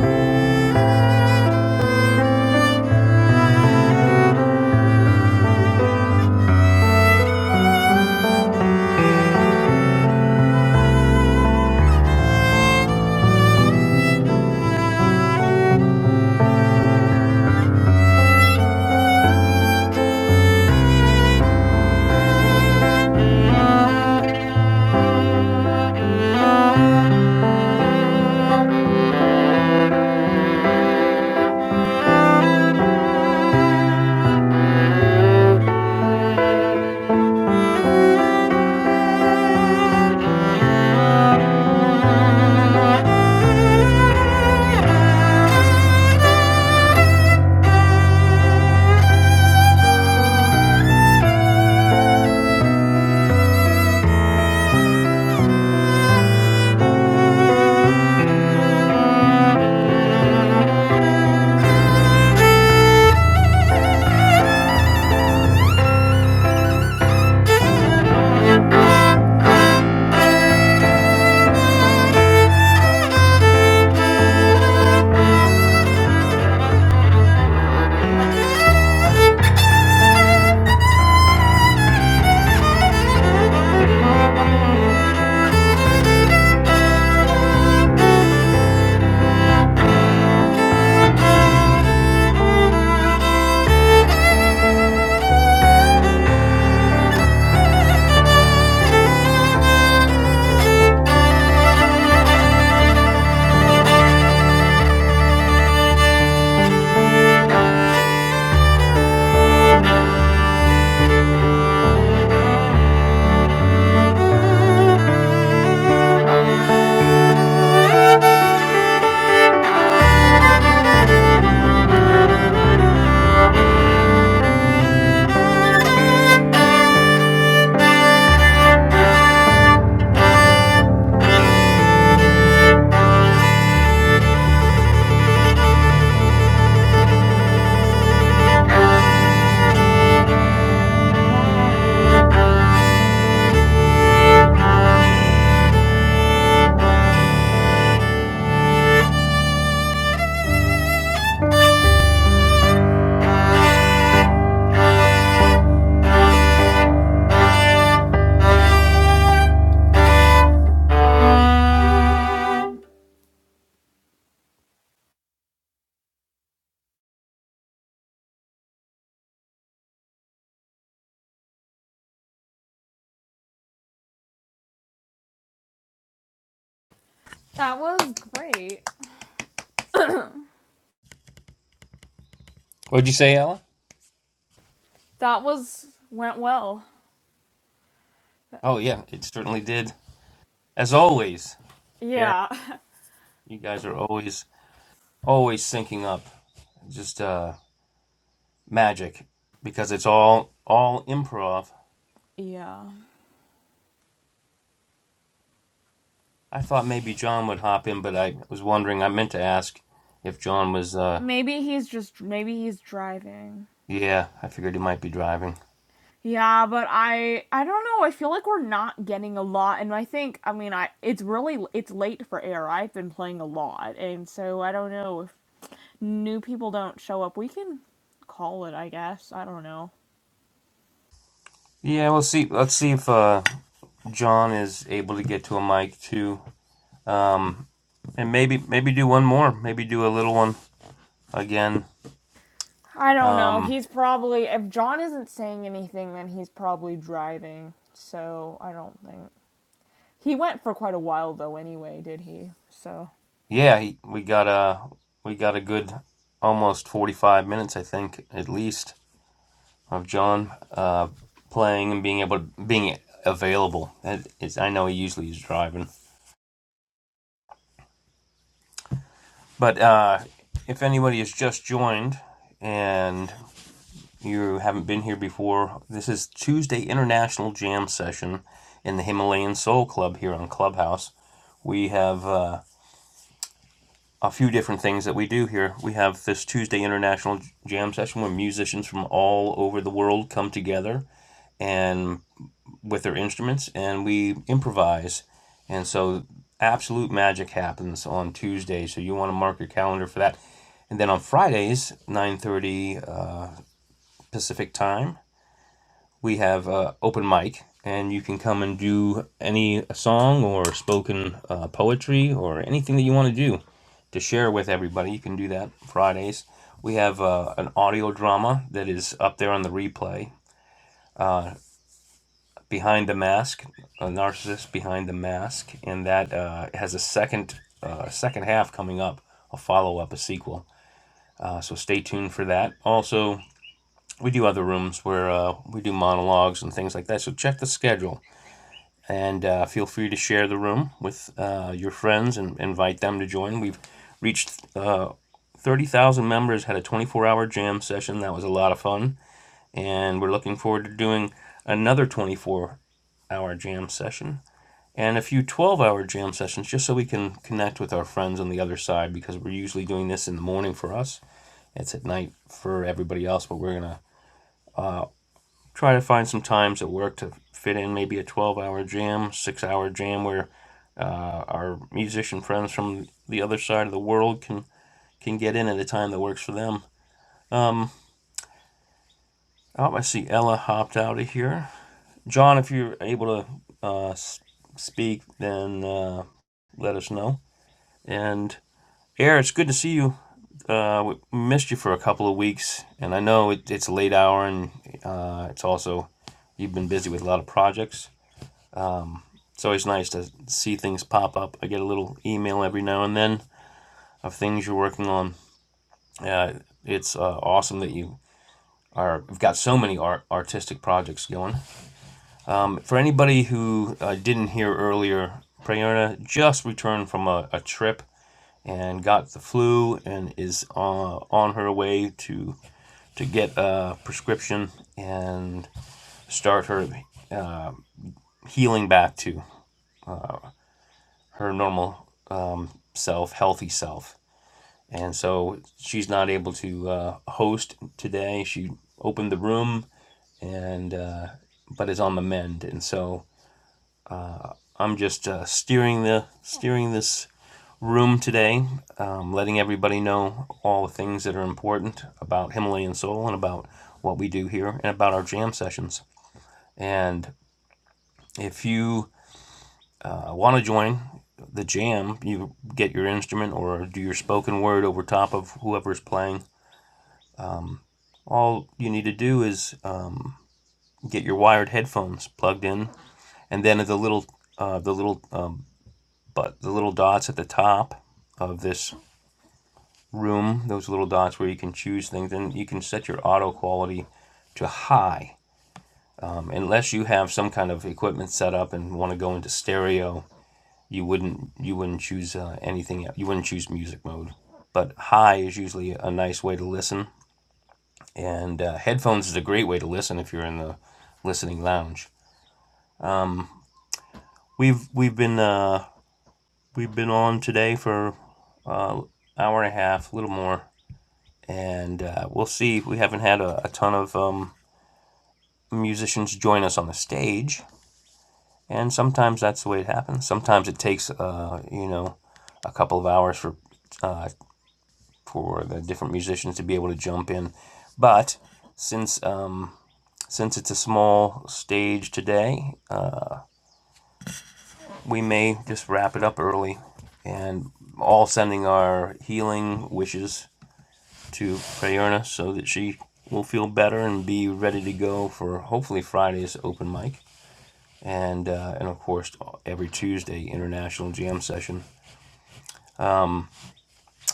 S4: you. Thank you. Thank you. Thank you. Thank you. That was great.
S2: What'd you say, Ella?
S4: That was went well.
S2: Oh yeah, it certainly did. As always, Air,
S4: Yeah.
S2: you guys are always always syncing up, just uh, magic, because it's all all improv
S4: Yeah.
S2: I thought maybe John would hop in, but I was wondering. I meant to ask if John was. Uh,
S4: Maybe he's just maybe he's driving.
S2: yeah, I figured he might be driving.
S4: Yeah, but I I don't know. I feel like we're not getting a lot and I think I mean I it's really it's late for air. I've been playing a lot and so I don't know if new people don't show up. We can call it, I guess. I don't know.
S2: Yeah, we'll see. Let's see if uh, John is able to get to a mic too, um, and maybe maybe do one more. Maybe do a little one again.
S4: I don't know.
S2: Um,
S4: He's probably if John isn't saying anything then he's probably driving. So, I don't think. He went for quite a while though anyway, did he? So
S2: yeah, he, we got a we got a good almost forty five minutes, I think, at least, of John uh, playing and being able to, being available. That is- I know he usually is driving. But uh, if anybody has just joined and you haven't been here before, this is Tuesday International Jam Session in the Himalayan Soul Club here on Clubhouse. We have uh, a few different things that we do here. We have this Tuesday International Jam Session where musicians from all over the world come together and with their instruments and we improvise. And so absolute magic happens on Tuesday. So you want to mark your calendar for that. And then on Fridays, 9:30 uh, Pacific time, we have uh, open mic and you can come and do any song or spoken uh, poetry or anything that you want to do to share with everybody. You can do that Fridays. We have uh, an audio drama that is up there on the replay behind the mask, a narcissist behind the mask, and that uh, has a second uh, second half coming up, a follow up, a sequel. Uh, so stay tuned for that. Also, we do other rooms where uh, we do monologues and things like that. So check the schedule and uh, feel free to share the room with uh, your friends and invite them to join. We've reached uh, 30,000 members, had a 24 hour jam session. That was a lot of fun. And we're looking forward to doing another 24 hour jam session and a few 12 hour jam sessions just so we can connect with our friends on the other side because we're usually doing this in the morning for us. It's at night for everybody else, but we're going to try to find some times at work to fit in maybe a 12 hour jam, six hour jam where uh, our musician friends from the other side of the world can can get in at a time that works for them. Um, oh, I see Ella hopped out of here. John, if you're able to uh, speak, then uh, let us know. And Eric, it's good to see you. Uh, we missed you for a couple of weeks, and I know it, it's a late hour, and uh, it's also you've been busy with a lot of projects. It's always nice to see things pop up. I get a little email every now and then of things you're working on. Uh, it's uh, awesome that you are. You've got so many art, artistic projects going. For anybody who uh, didn't hear earlier, Prayerna just returned from a, a trip and got the flu and is uh, on her way to to get a prescription and start her healing back to her normal um, self, healthy self. And so she's not able to uh, host today. She opened the room and uh, but is on the mend. And so I'm just uh, steering the steering this room today, um, letting everybody know all the things that are important about Himalayan Soul and about what we do here and about our jam sessions. And if you uh, want to join the jam, you get your instrument or do your spoken word over top of whoever's playing. All you need to do is um, get your wired headphones plugged in, and then the little uh, the little um, but the little dots at the top of this room, those little dots where you can choose things, and you can set your auto quality to high. Um, unless you have some kind of equipment set up and want to go into stereo, you wouldn't you wouldn't choose uh, anything. else. You wouldn't choose music mode. But high is usually a nice way to listen, and uh, headphones is a great way to listen if you're in the listening lounge. We've we've been uh, we've been on today for an uh, hour and a half, a little more, and uh, we'll see. We haven't had a, a ton of um, musicians join us on the stage, and sometimes that's the way it happens. Sometimes it takes, uh, you know, a couple of hours for uh, for the different musicians to be able to jump in. But since um, since it's a small stage today, uh, we may just wrap it up early, and all sending our healing wishes to Prayerna so that she will feel better and be ready to go for hopefully Friday's open mic. and uh, and of course every Tuesday international jam session.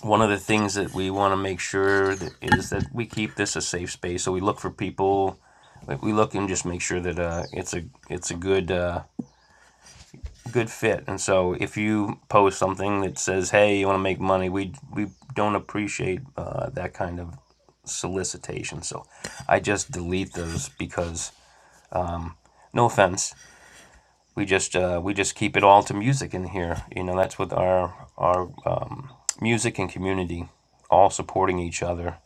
S2: One of the things that we want to make sure that is that we keep this a safe space. So we look for people, like, we look and just make sure that uh, it's a it's a good uh, good fit. And so if you post something that says, "Hey, you want to make money," we we don't appreciate uh, that kind of solicitation. So I just delete those because no offense we just uh, we just keep it all to music in here. You know, that's what our our um, music and community all supporting each other.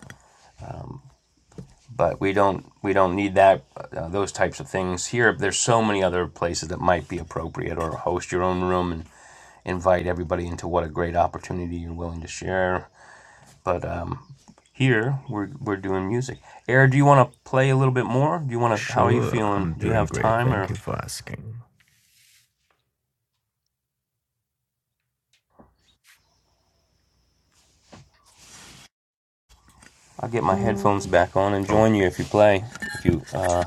S2: But we don't we don't need that uh, those types of things here. There's so many other places that might be appropriate, or host your own room and invite everybody into what a great opportunity you're willing to share. But um, here we're we're doing music. Eric, do you want to play a little bit more? Do you want to? How are you
S5: Sure,
S2: feeling?
S5: I'm
S2: Do you
S5: doing
S2: have
S5: great.
S2: time?
S5: Thank
S2: Or
S5: you for asking.
S2: I'll get my headphones back on and join you
S5: Okay.
S2: if you play. If you uh,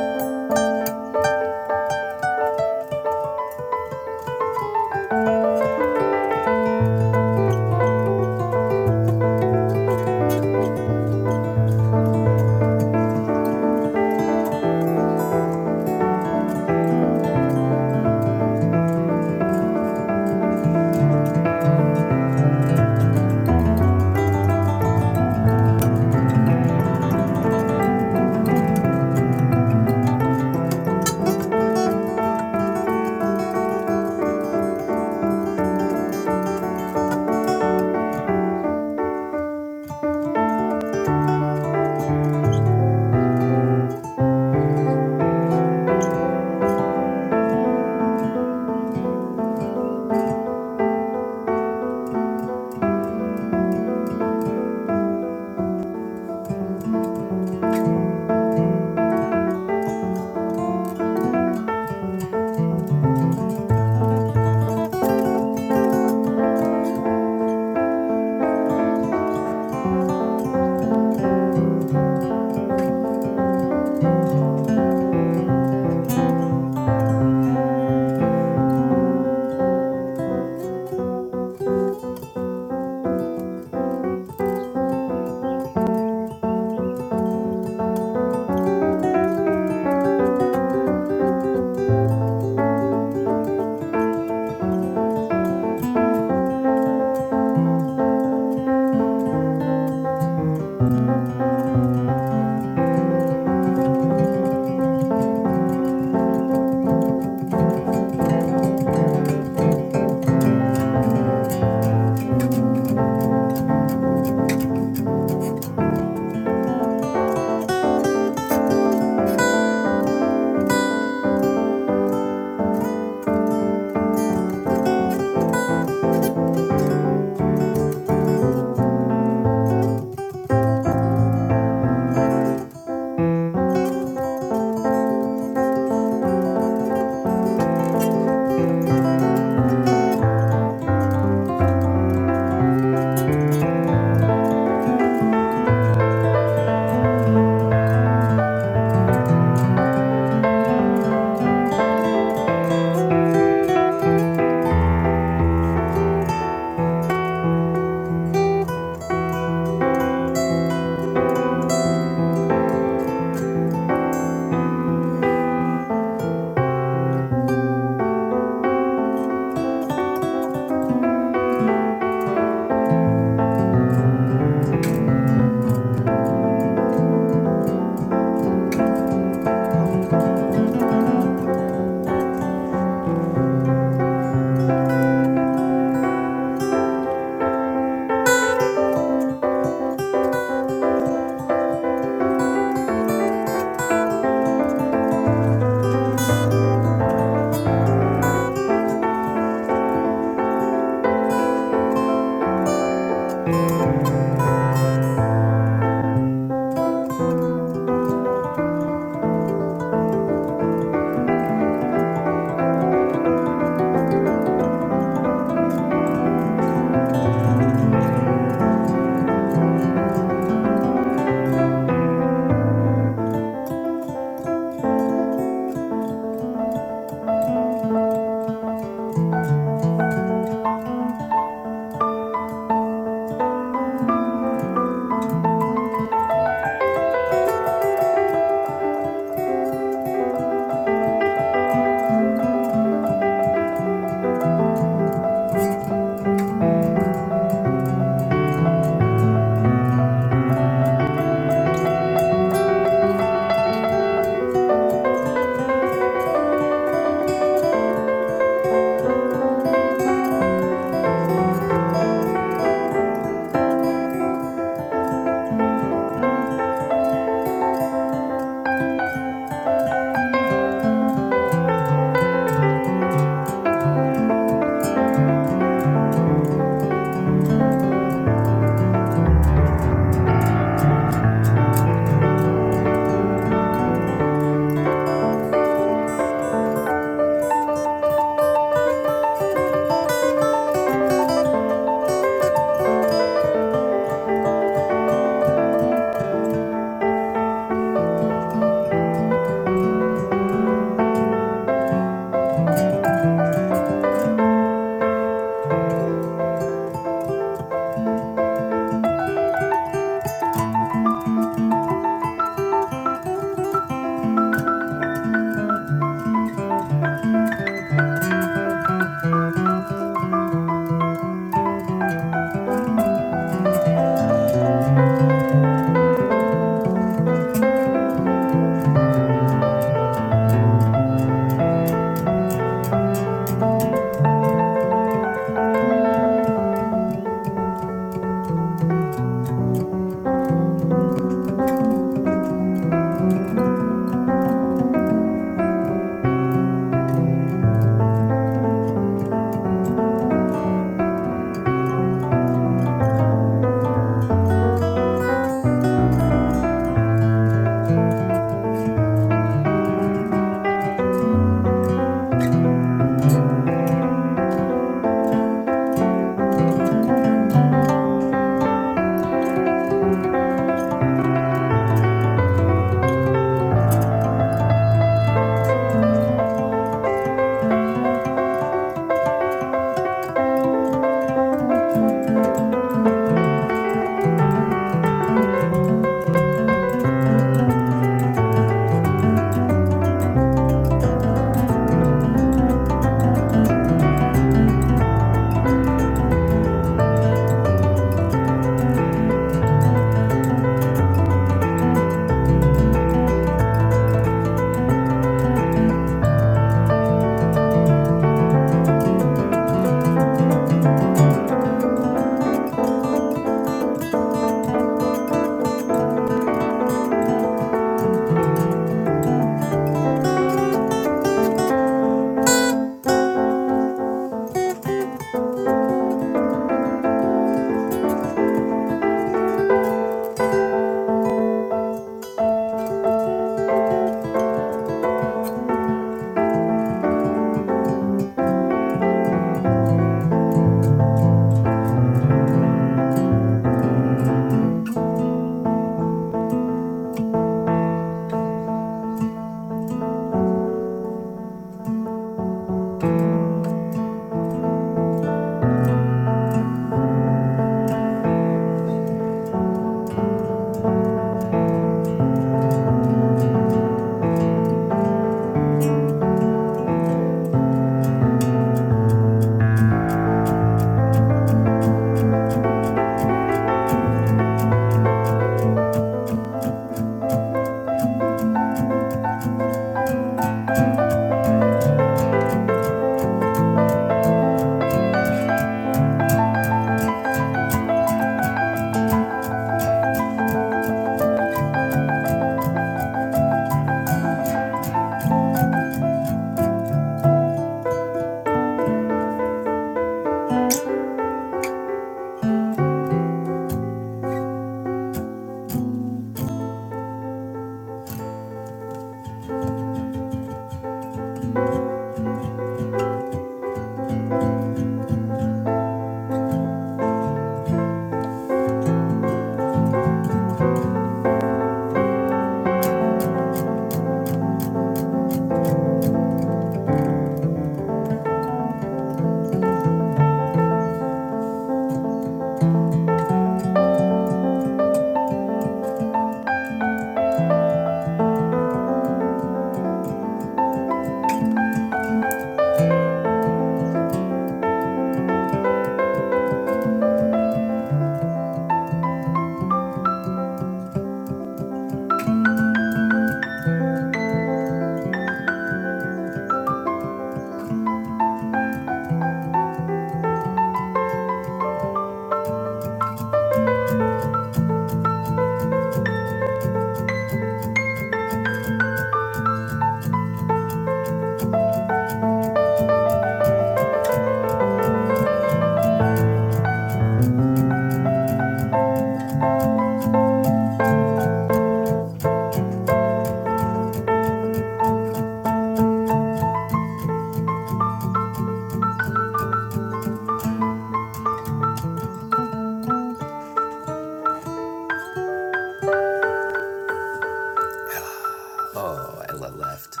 S2: Oh, I left.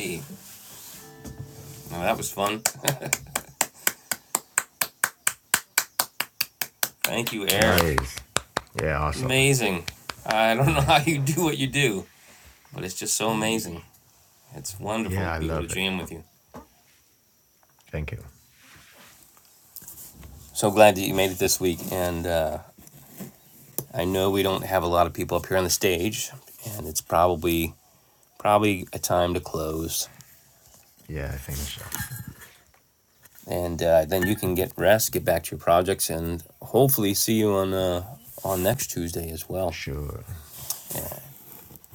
S2: Hey, Thank you, Air.
S5: Nice. Yeah, awesome.
S2: Amazing. I don't know how
S5: Amazing.
S2: you do what you do, but it's just so
S5: Ye-
S2: amazing. It's wonderful
S5: Yeah,
S2: to
S5: I
S2: be able to
S5: love it.
S2: jam with you.
S5: Thank you.
S2: So glad that you made it this week. And uh, I know we don't have a lot of people up here on the stage, and it's probably probably a time to close.
S5: Yeah, I think so.
S2: And uh, then you can get rest, get back to your projects, and hopefully see you on uh, on next Tuesday as well.
S5: Sure.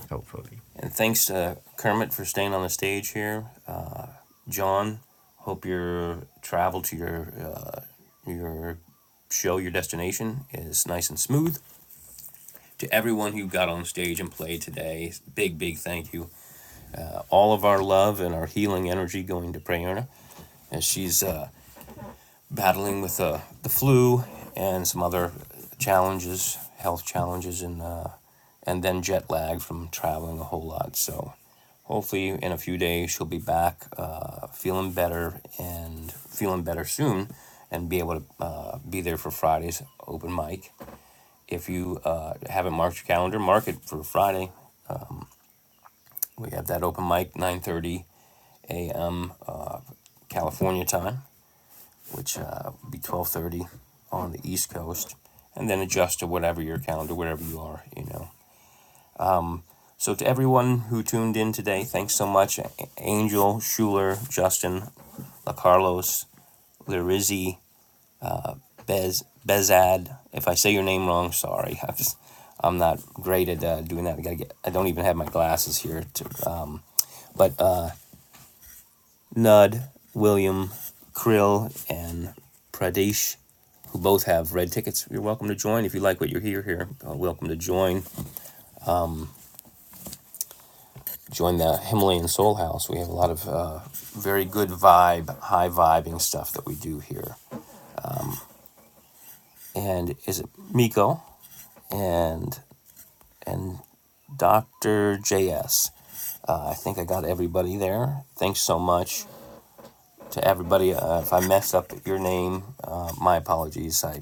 S5: Hopefully.
S2: And thanks to Kermit for staying on the stage here. John, hope your travel to your uh, your show, your destination is nice and smooth. To everyone who got on stage and played today, big big thank you. All of our love and our healing energy going to Prayerna, and she's uh, battling with uh, the flu and some other challenges, health challenges, and uh, and then jet lag from traveling a whole lot. So hopefully, in a few days, she'll be back, uh, feeling better and feeling better soon, and be able to uh, be there for Friday's open mic. If you uh, haven't marked your calendar, mark it for Friday. We have that open mic, nine thirty a.m. Uh, California time. which uh, would be 12:30 on the East Coast, and then adjust to whatever your calendar, wherever you are, you know. So to everyone who tuned in today, thanks so much, Angel, Schuler, Justin, La Carlos, Lirizzi, Bez, Bezad. If I say your name wrong, sorry. I'm just, I'm not great at uh, doing that. I gotta get. I don't even have my glasses here. To, uh, but Uh, Nudd, William, Krill, and Pradesh, who both have red tickets. You're welcome to join if you like what you hear here. Uh, welcome to join. Join the Himalayan Soul House. We have a lot of uh, very good vibe, high vibing stuff that we do here. And is it Miko and and Dr. JS. Uh, I think I got everybody there. Thanks so much to everybody. Uh, if I messed up your name, uh, my apologies. I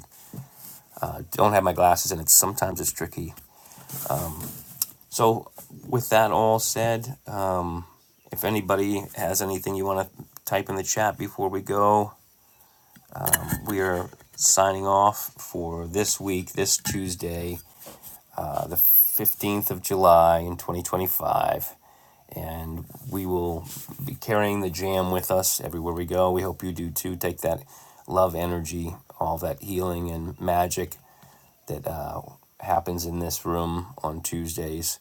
S2: don't have my glasses and it's sometimes it's tricky so with that all said uh, if anybody has anything you want to type in the chat before we go we are signing off for this week this tuesday uh, the 15th of july in 2025 and we will be carrying the jam with us everywhere we go we hope you do too take that love energy all that healing and magic that uh, happens in this room on tuesdays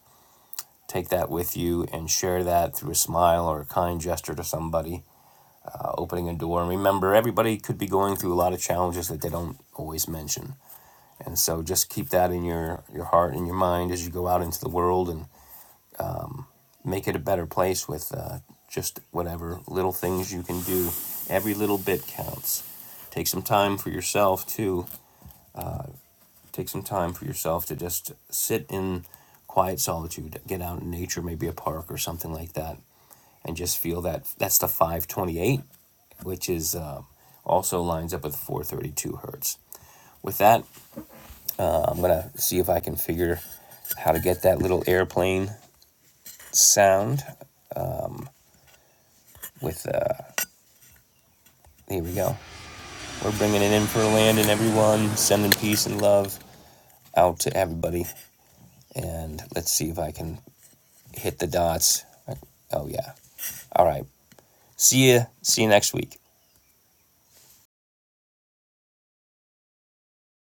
S2: take that with you and share that through a smile or a kind gesture to somebody, uh, opening a door. And remember, everybody could be going through a lot of challenges that they don't always mention. And so just keep that in your, your heart and your mind as you go out into the world and make it a better place with uh, just whatever little things you can do. Every little bit counts. Take some time for yourself, too. Take some time for yourself to just sit in quiet solitude, get out in nature, maybe a park or something like that and just feel that that's the 528, which is um, also lines up with 432 hertz. With that, I'm gonna see if I can figure how to get that little airplane sound. With uh, here we go. We're bringing it in for land and everyone, sending peace and love out to everybody. And let's see if I can hit the dots. Oh yeah. All right. See ya. See you next week.